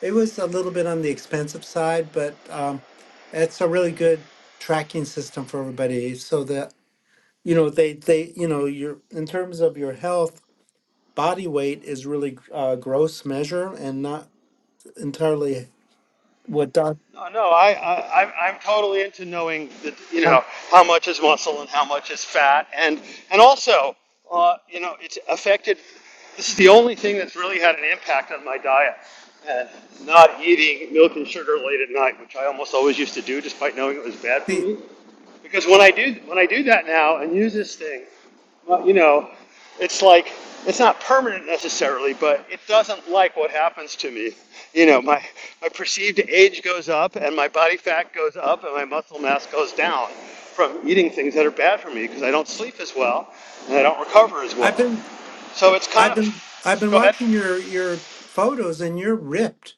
It was a little bit on the expensive side, but um, it's a really good tracking system for everybody. So that you know, they they you know, your in terms of your health, body weight is really a gross measure and not entirely what doc. No, no, I, I, I'm I'm totally into knowing that you know Um, how much is muscle and how much is fat, and and also, uh, you know, it's affected. This is the only thing that's really had an impact on my diet, and not eating milk and sugar late at night, which I almost always used to do, despite knowing it was bad for the me. Because when I do when I do that now and use this thing, well, you know, it's like it's not permanent necessarily, but it doesn't like what happens to me. You know, my my perceived age goes up, and my body fat goes up, and my muscle mass goes down from eating things that are bad for me because I don't sleep as well and I don't recover as I've well. been So it's kind I've been I've of been go ahead. watching your your photos and you're ripped.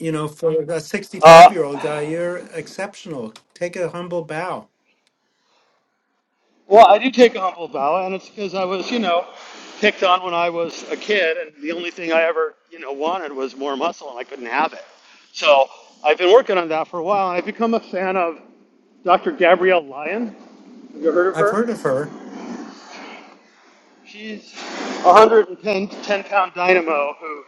You know, for a 65 year Uh, old guy, you're exceptional. Take a humble bow. Well, I do take a humble bow, and it's because I was, you know, picked on when I was a kid, and the only thing I ever, you know, wanted was more muscle, and I couldn't have it. So I've been working on that for a while, and I've become a fan of Dr. Gabrielle Lyon. Have you heard of I've her? heard of her. She's a 110 pound dynamo who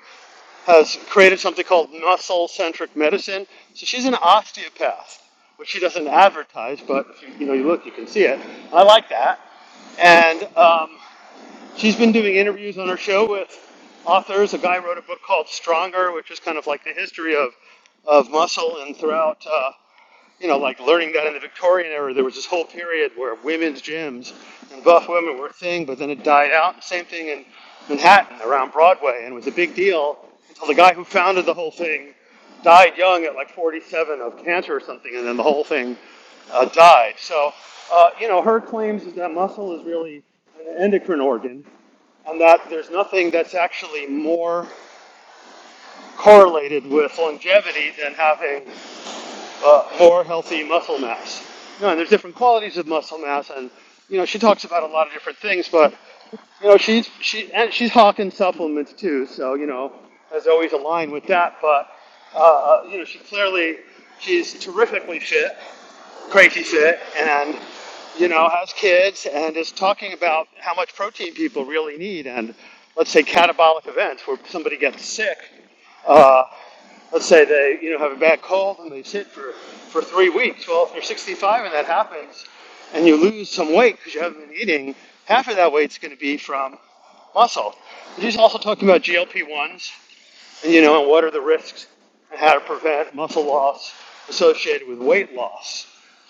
has created something called muscle centric medicine. So she's an osteopath, which she doesn't advertise, but if you, you know you look, you can see it. I like that, and um, She's been doing interviews on her show with authors. A guy wrote a book called Stronger, which is kind of like the history of of muscle. And throughout, uh, you know, like learning that in the Victorian era, there was this whole period where women's gyms and buff women were a thing, but then it died out. Same thing in Manhattan around Broadway, and it was a big deal until the guy who founded the whole thing died young at like 47 of cancer or something, and then the whole thing uh, died. So, uh, you know, her claims is that muscle is really an endocrine organ, and that there's nothing that's actually more correlated with longevity than having uh, more healthy muscle mass. You know, and there's different qualities of muscle mass, and you know she talks about a lot of different things, but you know she's she and she's hawking supplements too, so you know as always aligned with that. But uh, uh, you know she clearly she's terrifically fit, crazy fit, and you know has kids, and is talking about how much protein people really need, and let's say catabolic events where somebody gets sick uh, let's say they you know have a bad cold and they sit for for three weeks. Well, if you're 65 and that happens, and you lose some weight because you haven't been eating, half of that weight's going to be from muscle. he's also talking about GLP-1s you know, and what are the risks and how to prevent muscle loss associated with weight loss.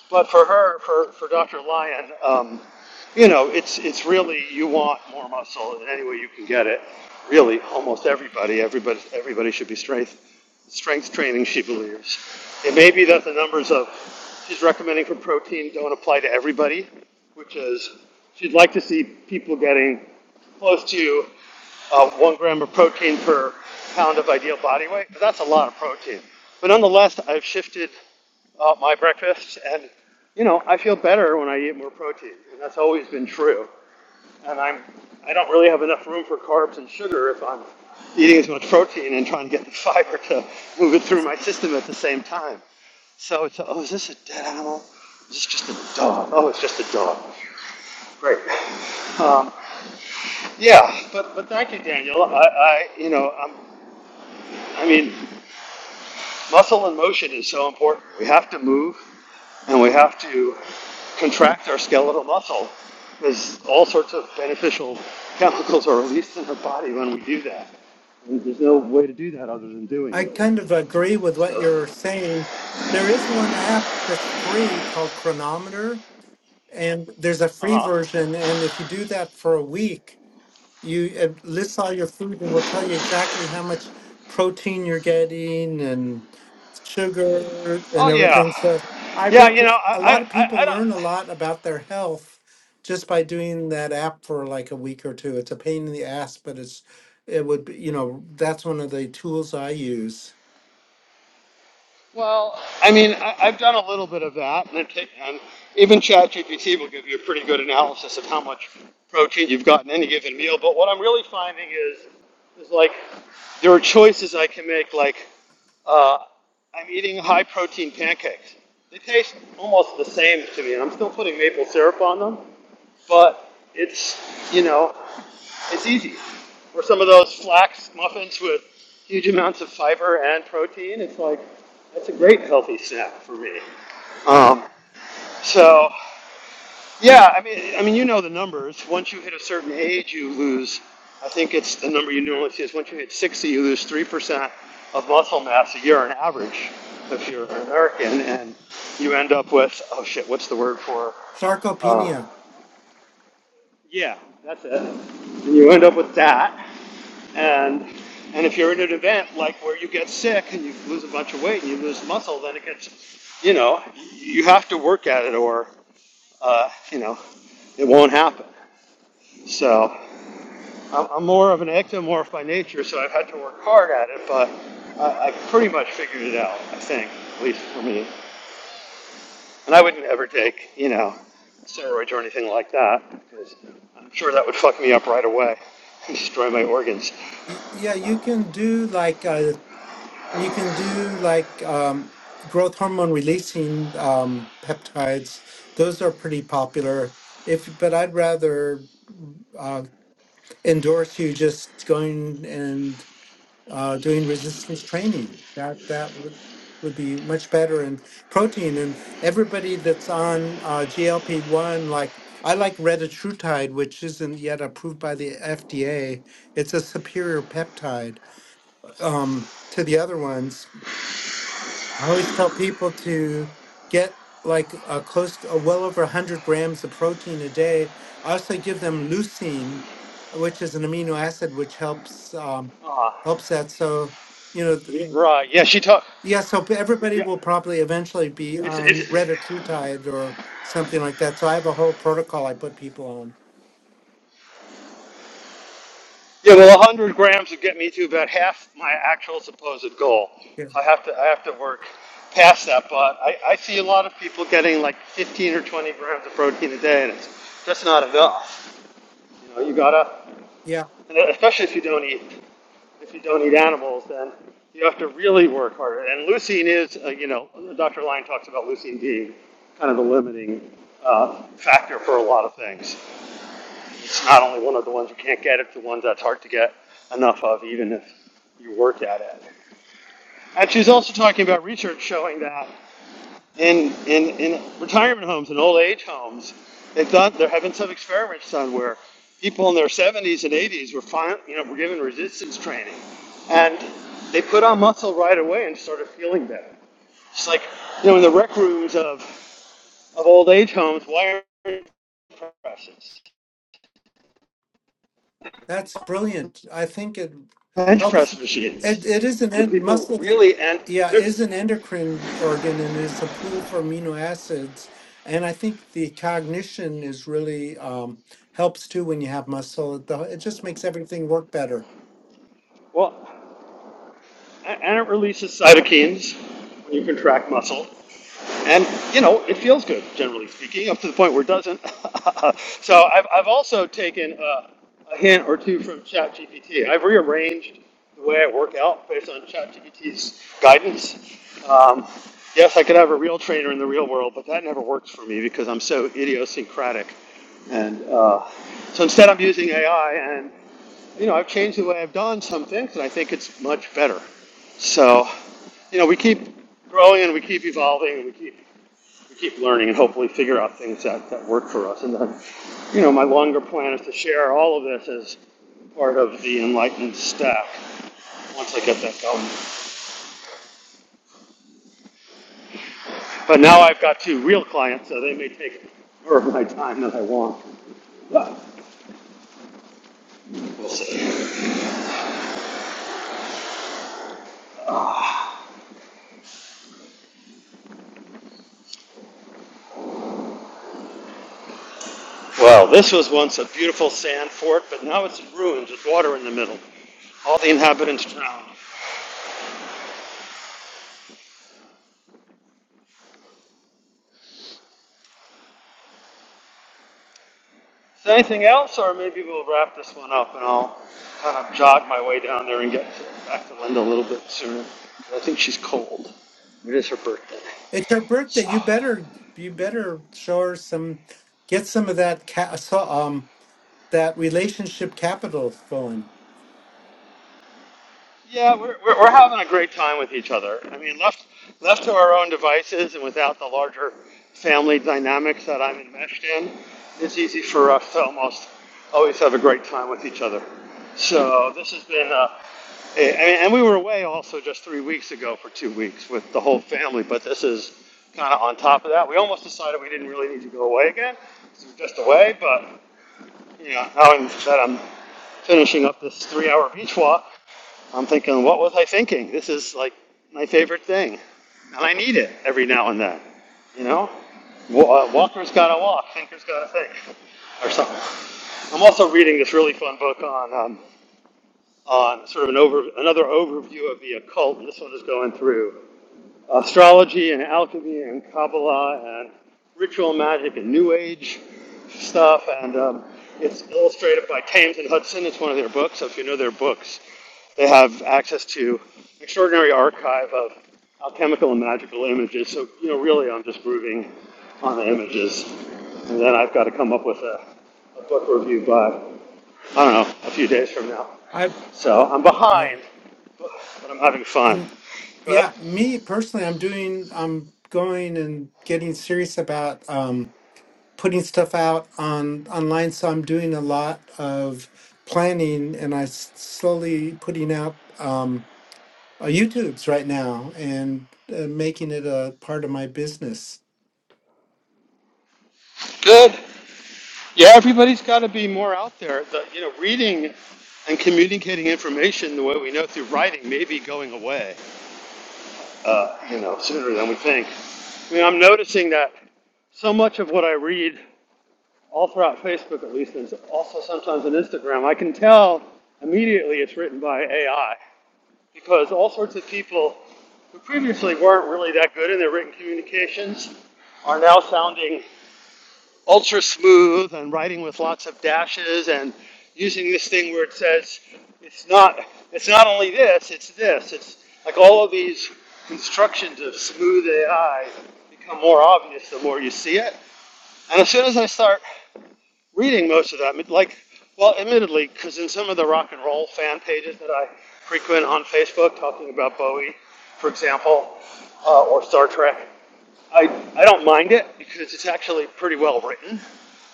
But for her, for, for Dr. Lyon, um, you know, it's it's really you want more muscle in any way you can get it. Really, almost everybody, everybody, everybody should be strength strength training. She believes it may be that the numbers of she's recommending for protein don't apply to everybody, which is she'd like to see people getting close to uh, one gram of protein per pound of ideal body weight, but that's a lot of protein. But nonetheless, I've shifted uh, my breakfast, and you know I feel better when I eat more protein, and that's always been true. And I'm I don't really have enough room for carbs and sugar if I'm eating as much protein and trying to get the [laughs] fiber to move it through my system at the same time. So it's oh is this a dead animal? Is this just a dog? Oh, it's just a dog. Great. Um, yeah, but but thank you, Daniel. I, I you know i I mean muscle and motion is so important. We have to move, and we have to contract our skeletal muscle because all sorts of beneficial chemicals are released in our body when we do that. And there's no way to do that other than doing I it. kind of agree with what So, you're uh saying. There is one app that's free called Chronometer, and there's a free huh. version. And if you do that for a week, you it lists all your food and will tell you exactly how much protein you're getting and sugar Oh and yeah, everything. So I yeah. You reckon know, I a I, lot of I, people I don't. learn a lot about their health just by doing that app for like a week or two. It's a pain in the ass, but it's it would be, you know, that's one of the tools I use. Well, I mean, I, I've done a little bit of that, and, i and even ChatGPT will give you a pretty good analysis of how much protein you've got in any given meal. But what I'm really finding is, is like there are choices I can make. Like uh, I'm eating high protein pancakes. They taste almost the same to me, and I'm still putting maple syrup on them but it's you know it's easy. Or some of those flax muffins with huge amounts of fiber and protein. It's like that's a great healthy snack for me. Um, so yeah, I mean, I mean, you know the numbers. Once you hit a certain age, you lose. I think it's the number you normally see is once you hit 60, you lose three percent of muscle mass a year on average if you're an American, and you end up with oh shit, what's the word for? um, Sarcopenia. yeah, that's it. And you end up with that. And and if you're at an event like where you get sick and you lose a bunch of weight and you lose muscle, then it gets, you know, you have to work at it or, uh, you know, it won't happen. So I'm, I'm more of an ectomorph by nature, so I've had to work hard at it, but I, I've pretty much figured it out, I think, at least for me. And I wouldn't ever take, you know, steroids or anything like that because I'm sure that would fuck me up right away and [laughs] destroy my organs. Y- Yeah, you can do like uh You can do like um, growth hormone releasing um, peptides. Those are pretty popular. If but I'd rather uh, endorse you just going and uh, doing resistance training. That that would would be much better and protein and everybody that's on uh, GLP one like I like retatrutide, which isn't yet approved by the FDA. It's a superior peptide um, to the other ones I always tell people to get like a close to uh, well over 100 grams of protein a day. I also give them leucine, which is an amino acid which helps um, Uh, helps that. So you know, th- yeah. right. Yeah, she took. yeah, So p- everybody Yeah. will probably eventually be It's, it's, on redditutide or something like that. So I have a whole protocol I put people on. yeah, well, 100 grams would get me to about half my actual supposed goal. Yeah, I have to, I have to work past that, but I, I see a lot of people getting like 15 or 20 grams of protein a day, and it's just not enough. You know, you gotta, Yeah. and especially if you don't eat if you don't eat animals, then you have to really work harder. And leucine is, uh, you know, Dr. Lyon talks about leucine being kind of the limiting uh, factor for a lot of things. It's not only one of the ones you can't get, it's the ones that's hard to get enough of, even if you work at it. And she's also talking about research showing that in, in, in retirement homes and old age homes, they've done, they're having some experiments done where people in their 70s and 80s were, fin- you know, were given resistance training. And they put on muscle right away and started feeling better. It's like, you know, in the rec rooms of, of old age homes, why aren't presses, That's brilliant. I think it bench helps. press It, machines? it is an You know, en- people muscle. that- really, and Yeah, is there's, an endocrine organ and is a pool for amino acids. And I think the cognition is really um, helps too when you have muscle. It the- it just makes everything work better. well, and it releases cytokines when you contract muscle. And, you know, it feels good, generally speaking, up to the point where it doesn't. [laughs] so I've, I've also taken a, a hint or two from ChatGPT. I've rearranged the way I work out based on ChatGPT's guidance. Um, yes, I could have a real trainer in the real world, but that never works for me because I'm so idiosyncratic. And uh, so instead, I'm using AI, and you know, I've changed the way I've done some things, and I think it's much better. So, you know, we keep growing and we keep evolving and we keep we keep learning and hopefully figure out things that, that work for us. And then, you know, my longer plan is to share all of this as part of the Enlightened stack once I get that going. But now I've got two real clients, so they may take more of my time than I want. But we'll see. Well, this was once a beautiful sand fort, but now it's in ruins with water in the middle. All the inhabitants drowned. Is there anything else, or maybe we'll wrap this one up and I'll kind of jog my way down there and get back to Linda a little bit sooner. I think she's cold. It is her birthday. It's her So. birthday. You better you better show her some get some of that ca- so- um that relationship capital going. Yeah, we're, we're, we're having a great time with each other. I mean, left left to our own devices and without the larger family dynamics that I'm enmeshed in, it's easy for us to almost always have a great time with each other. So this has been, uh, a- I mean, and we were away also just three weeks ago for two weeks with the whole family, but this is kind of on top of that. We almost decided we didn't really need to go away again. 'cause we were just away, but yeah, now that I'm finishing up this three hour beach walk, I'm thinking, what was I thinking? This is like my favorite thing. And I need it every now and then. You know? Wa- uh, Walker's gotta walk, thinker's gotta think, or something. I'm also reading this really fun book on, um, on sort of an over, another overview of the occult, and this one is going through astrology and alchemy and Kabbalah and ritual magic and New Age stuff. And um, it's illustrated by Thames and Hudson. It's one of their books. So if you know their books, they have access to an extraordinary archive of alchemical and magical images. So you know, really, I'm just grooving on the images, and then I've got to come up with a, a book review by I don't know, a few days from now. I So I'm yeah. behind, but I'm having fun. I'm Go yeah, ahead. me personally I'm doing I'm going and getting serious about um putting stuff out on online so i'm doing a lot of planning and i s- slowly putting out um uh, youtubes right now and uh, making it a part of my business Good. Yeah, everybody's got to be more out there. The, you know, reading and communicating information the way we know through writing may be going away. Uh, you know, sooner than we think. I mean, I'm noticing that so much of what I read, all throughout Facebook at least, and also sometimes on Instagram, I can tell immediately it's written by AI because all sorts of people who previously weren't really that good in their written communications are now sounding ultra smooth and writing with lots of dashes and using this thing where it says it's not it's not only this it's this it's like all of these constructions of smooth AI become more obvious the more you see it and as soon as I start reading most of them like well admittedly because in some of the rock and roll fan pages that I frequent on Facebook talking about Bowie for example uh, or Star Trek I, I don't mind it because it's actually pretty well written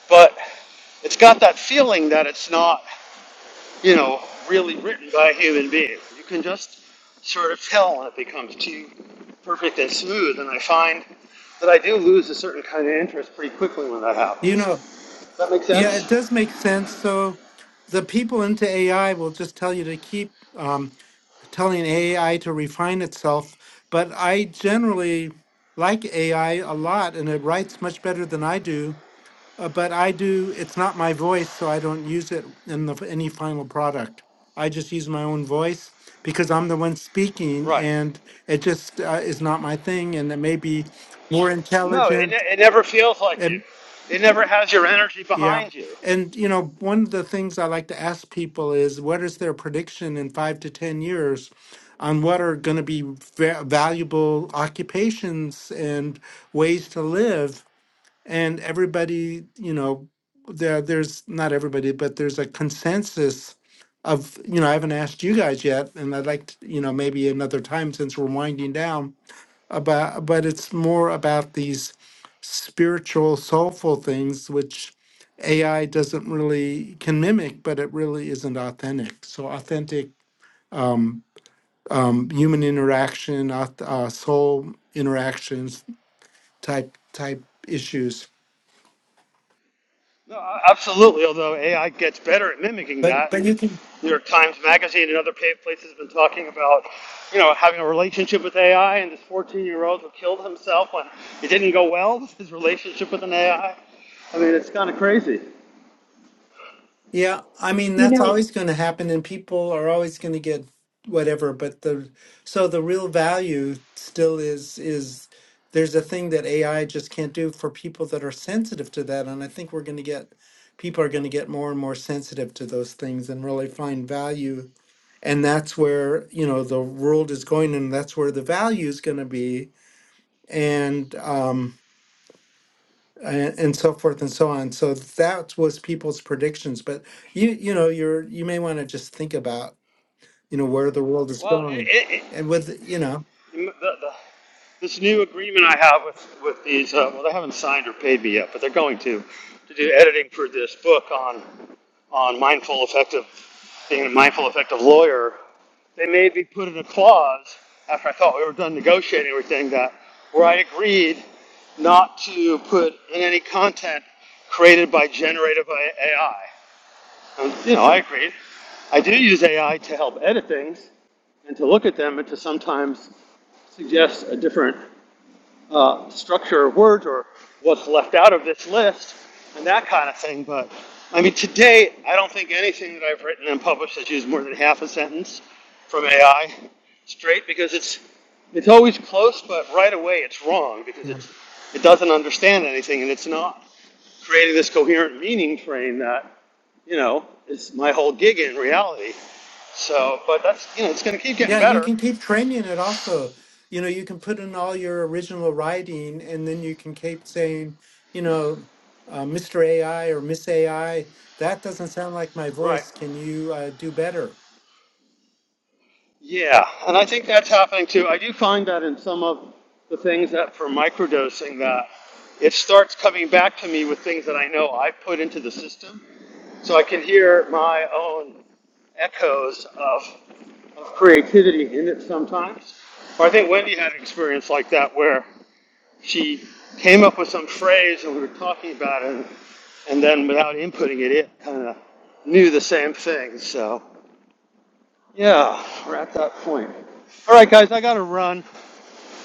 but it's got that feeling that it's not, you know, really written by a human being. You can just sort of tell when it becomes too perfect and smooth, and I find that I do lose a certain kind of interest pretty quickly when that you know happens. Does That make yeah it sense? does make sense so the people into ai will just tell you to keep um, telling AI to refine itself, but I generally like AI a lot and it writes much better than I do. Uh, but I do, it's not my voice, so I don't use it in the, any final product. I just use my own voice because I'm the one speaking Right. and it just uh, is not my thing and it may be more No, it, ne- intelligent it never feels like you. and It never has your energy yeah. behind you. And you know, one of the things I like to ask people is what is their prediction in 5 to 10 years on what are going to be va- valuable occupations and ways to live and everybody you know there there's not everybody but there's a consensus of you know i haven't asked you guys yet and i'd like to you know maybe another time since we're winding down about but it's more about these spiritual soulful things which ai doesn't really can mimic but it really isn't authentic so authentic um, um, human interaction auth- uh, soul interactions type type issues No, a- absolutely. Although AI gets better at mimicking but that, but you and can New York Times Magazine and other pa- places have been talking about, you know, having a relationship with AI, and this 14-year-old who killed himself when it didn't go well [laughs] with his relationship with an AI. I I mean, it's kind of crazy. Yeah, I mean that's always going to happen, and people are always going to get whatever. But the so the real value still is is there's a thing that AI just can't do for people that are sensitive to that, and I think we're going to get people are going to get more and more sensitive to those things and really find value, and that's where you know the world is going, and that's where the value is going to be, and um, and, and so forth and so on. So that was people's predictions. But you you know you're you may want to just think about you know where the world is Well, going, it. it, and with you know the, the, this new agreement I have with, with these, uh, well, they haven't signed or paid me yet, but they're going to, to do editing for this book on, on mindful effective, being a mindful effective lawyer. They made me put in a clause after I thought we were done negotiating everything that where I agreed not to put in any content created by generative AI. And, you know, I agreed. I do use AI to help edit things and to look at them and to sometimes suggests a different uh, structure of words or what's left out of this list and that kind of thing. But I mean, to date, I don't think anything that I've written and published has used more than half a sentence from AI straight because it's it's always close, but right away it's wrong because yeah it's it doesn't understand anything and it's not creating this coherent meaning train that you know is my whole gig in reality. So, but that's you know it's going to keep getting yeah you better. can keep training it also. You know you can put in all your original writing, and then you can keep saying you know. Uh, Mr. AI or Miss AI, that doesn't sound like my Right. voice. Can you uh, do better? Yeah, and I think that's happening too. I do find that in some of the things that for microdosing that it starts coming back to me with things that I know I've put into the system. So I can hear my own echoes of, of creativity in it sometimes. Or I think Wendy had an experience like that where she came up with some phrase and we were talking about it and, and then without inputting it, it kind of knew the same thing. So yeah, we're at that point. All right, guys, I gotta run.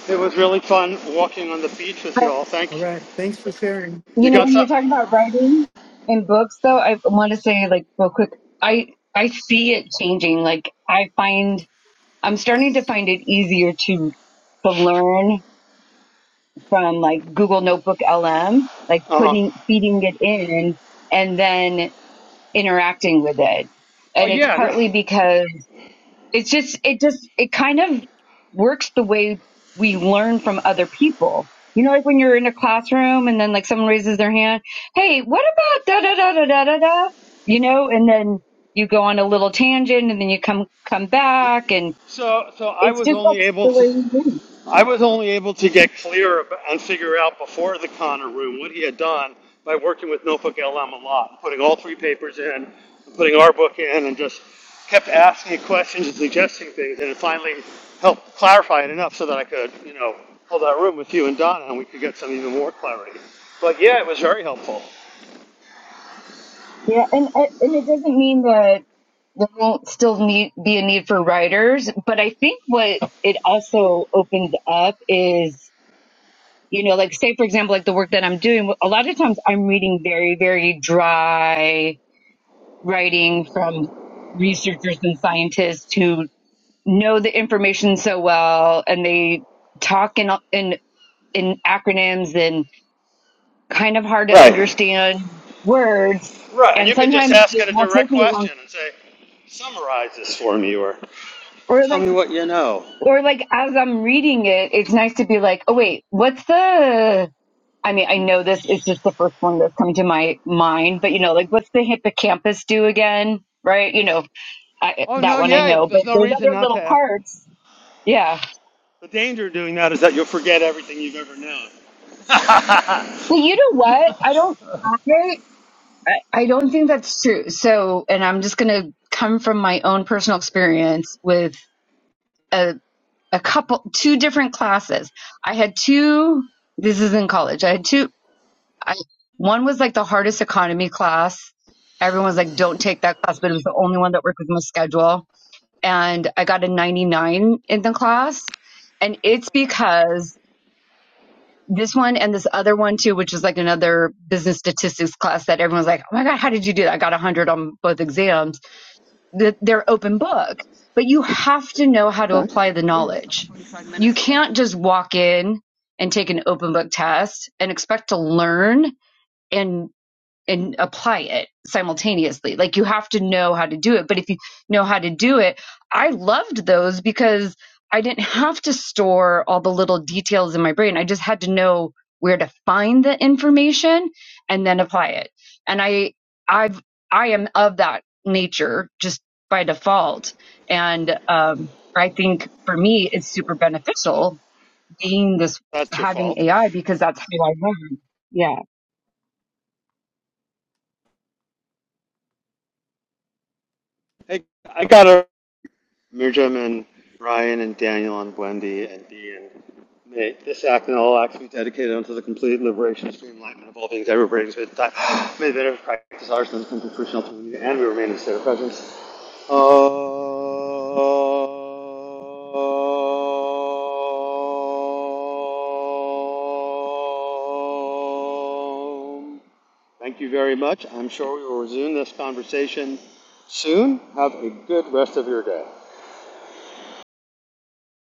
It was really fun walking on the beach with But y'all. Thank All you. right. Thanks for sharing. You you know, got when you were something? talking about writing in books, though, I want to say like real quick, I I see it changing. Like I find I'm starting to find it easier to to learn from like Google Notebook LM, like Uh huh. putting, feeding it in and then interacting with it. Well, And it's yeah. No, partly because it's just, it just, it kind of works the way we learn from other people. You know, like when you're in a classroom and then like someone raises their hand, Hey, what about da da da da da da da? You know, and then you go on a little tangent and then you come, come back and so, so I it's was just, only that's able the way to. you learn. I was only able to get clear ab- and figure out before the Connor room what he had done by working with Notebook LM a lot, putting all three papers in, putting our book in, and just kept asking questions and suggesting things, and it finally helped clarify it enough so that I could, you know, hold that room with you and Donna, and we could get some even more clarity. But yeah, it was very helpful. Yeah, and and it doesn't mean that there won't still need, be a need for writers, but I think what it also opens up is, you know, like say for example, like the work that I'm doing. A lot of times I'm reading very, very dry writing from researchers and scientists who know the information so well, and they talk in in in acronyms and kind of hard to Right. understand words. Right, and And you could just sometimes ask it it a will take direct me a long question and say, summarize this for me, or or tell like me. or like as I'm reading it, it's nice to be like, oh wait, what's the? I mean, I know this is just the first one that's come to my mind, but you know, like what's the hippocampus do again? Right? You know, I, Oh that no, one I yeah, know, but there's no there's reason other not little to ask. parts. Yeah. The danger of doing that is that you'll forget everything you've ever known. [laughs] Well, you know what? I don't. I, I don't think that's true. So, and I'm just gonna come from my own personal experience with a a couple, two different classes. I had two. This is in college. I had two. I one was like the hardest economy class. Everyone was like, "Don't take that class," but it was the only one that worked with my schedule, and I got a 99 in the class, and it's because this one and this other one too, which is like another business statistics class that everyone's like, "Oh my god, how did you do that?" I got 100 on both exams. they're open book, but you have to know how to apply the knowledge. You can't just walk in and take an open book test and expect to learn and and apply it simultaneously. Like you have to know how to do it. But if you know how to do it, I loved those because I didn't have to store all the little details in my brain. I just had to know where to find the information and then apply it. And I I've I am of that nature just by default. And um I think for me it's super beneficial being this That's your having fault. AI because that's how I learn. Yeah. Hey, I got a Mirjam and Ryan and Daniel and Wendy and Dee and Nate. This act and all acts be dedicated unto the complete liberation, stream, enlightenment of all things ever brings with time. May the benefit of practice ours and come to fruition ultimately, and we remain in the state of presence. Um, Thank you very much. I'm sure we will resume this conversation soon. Have a good rest of your day.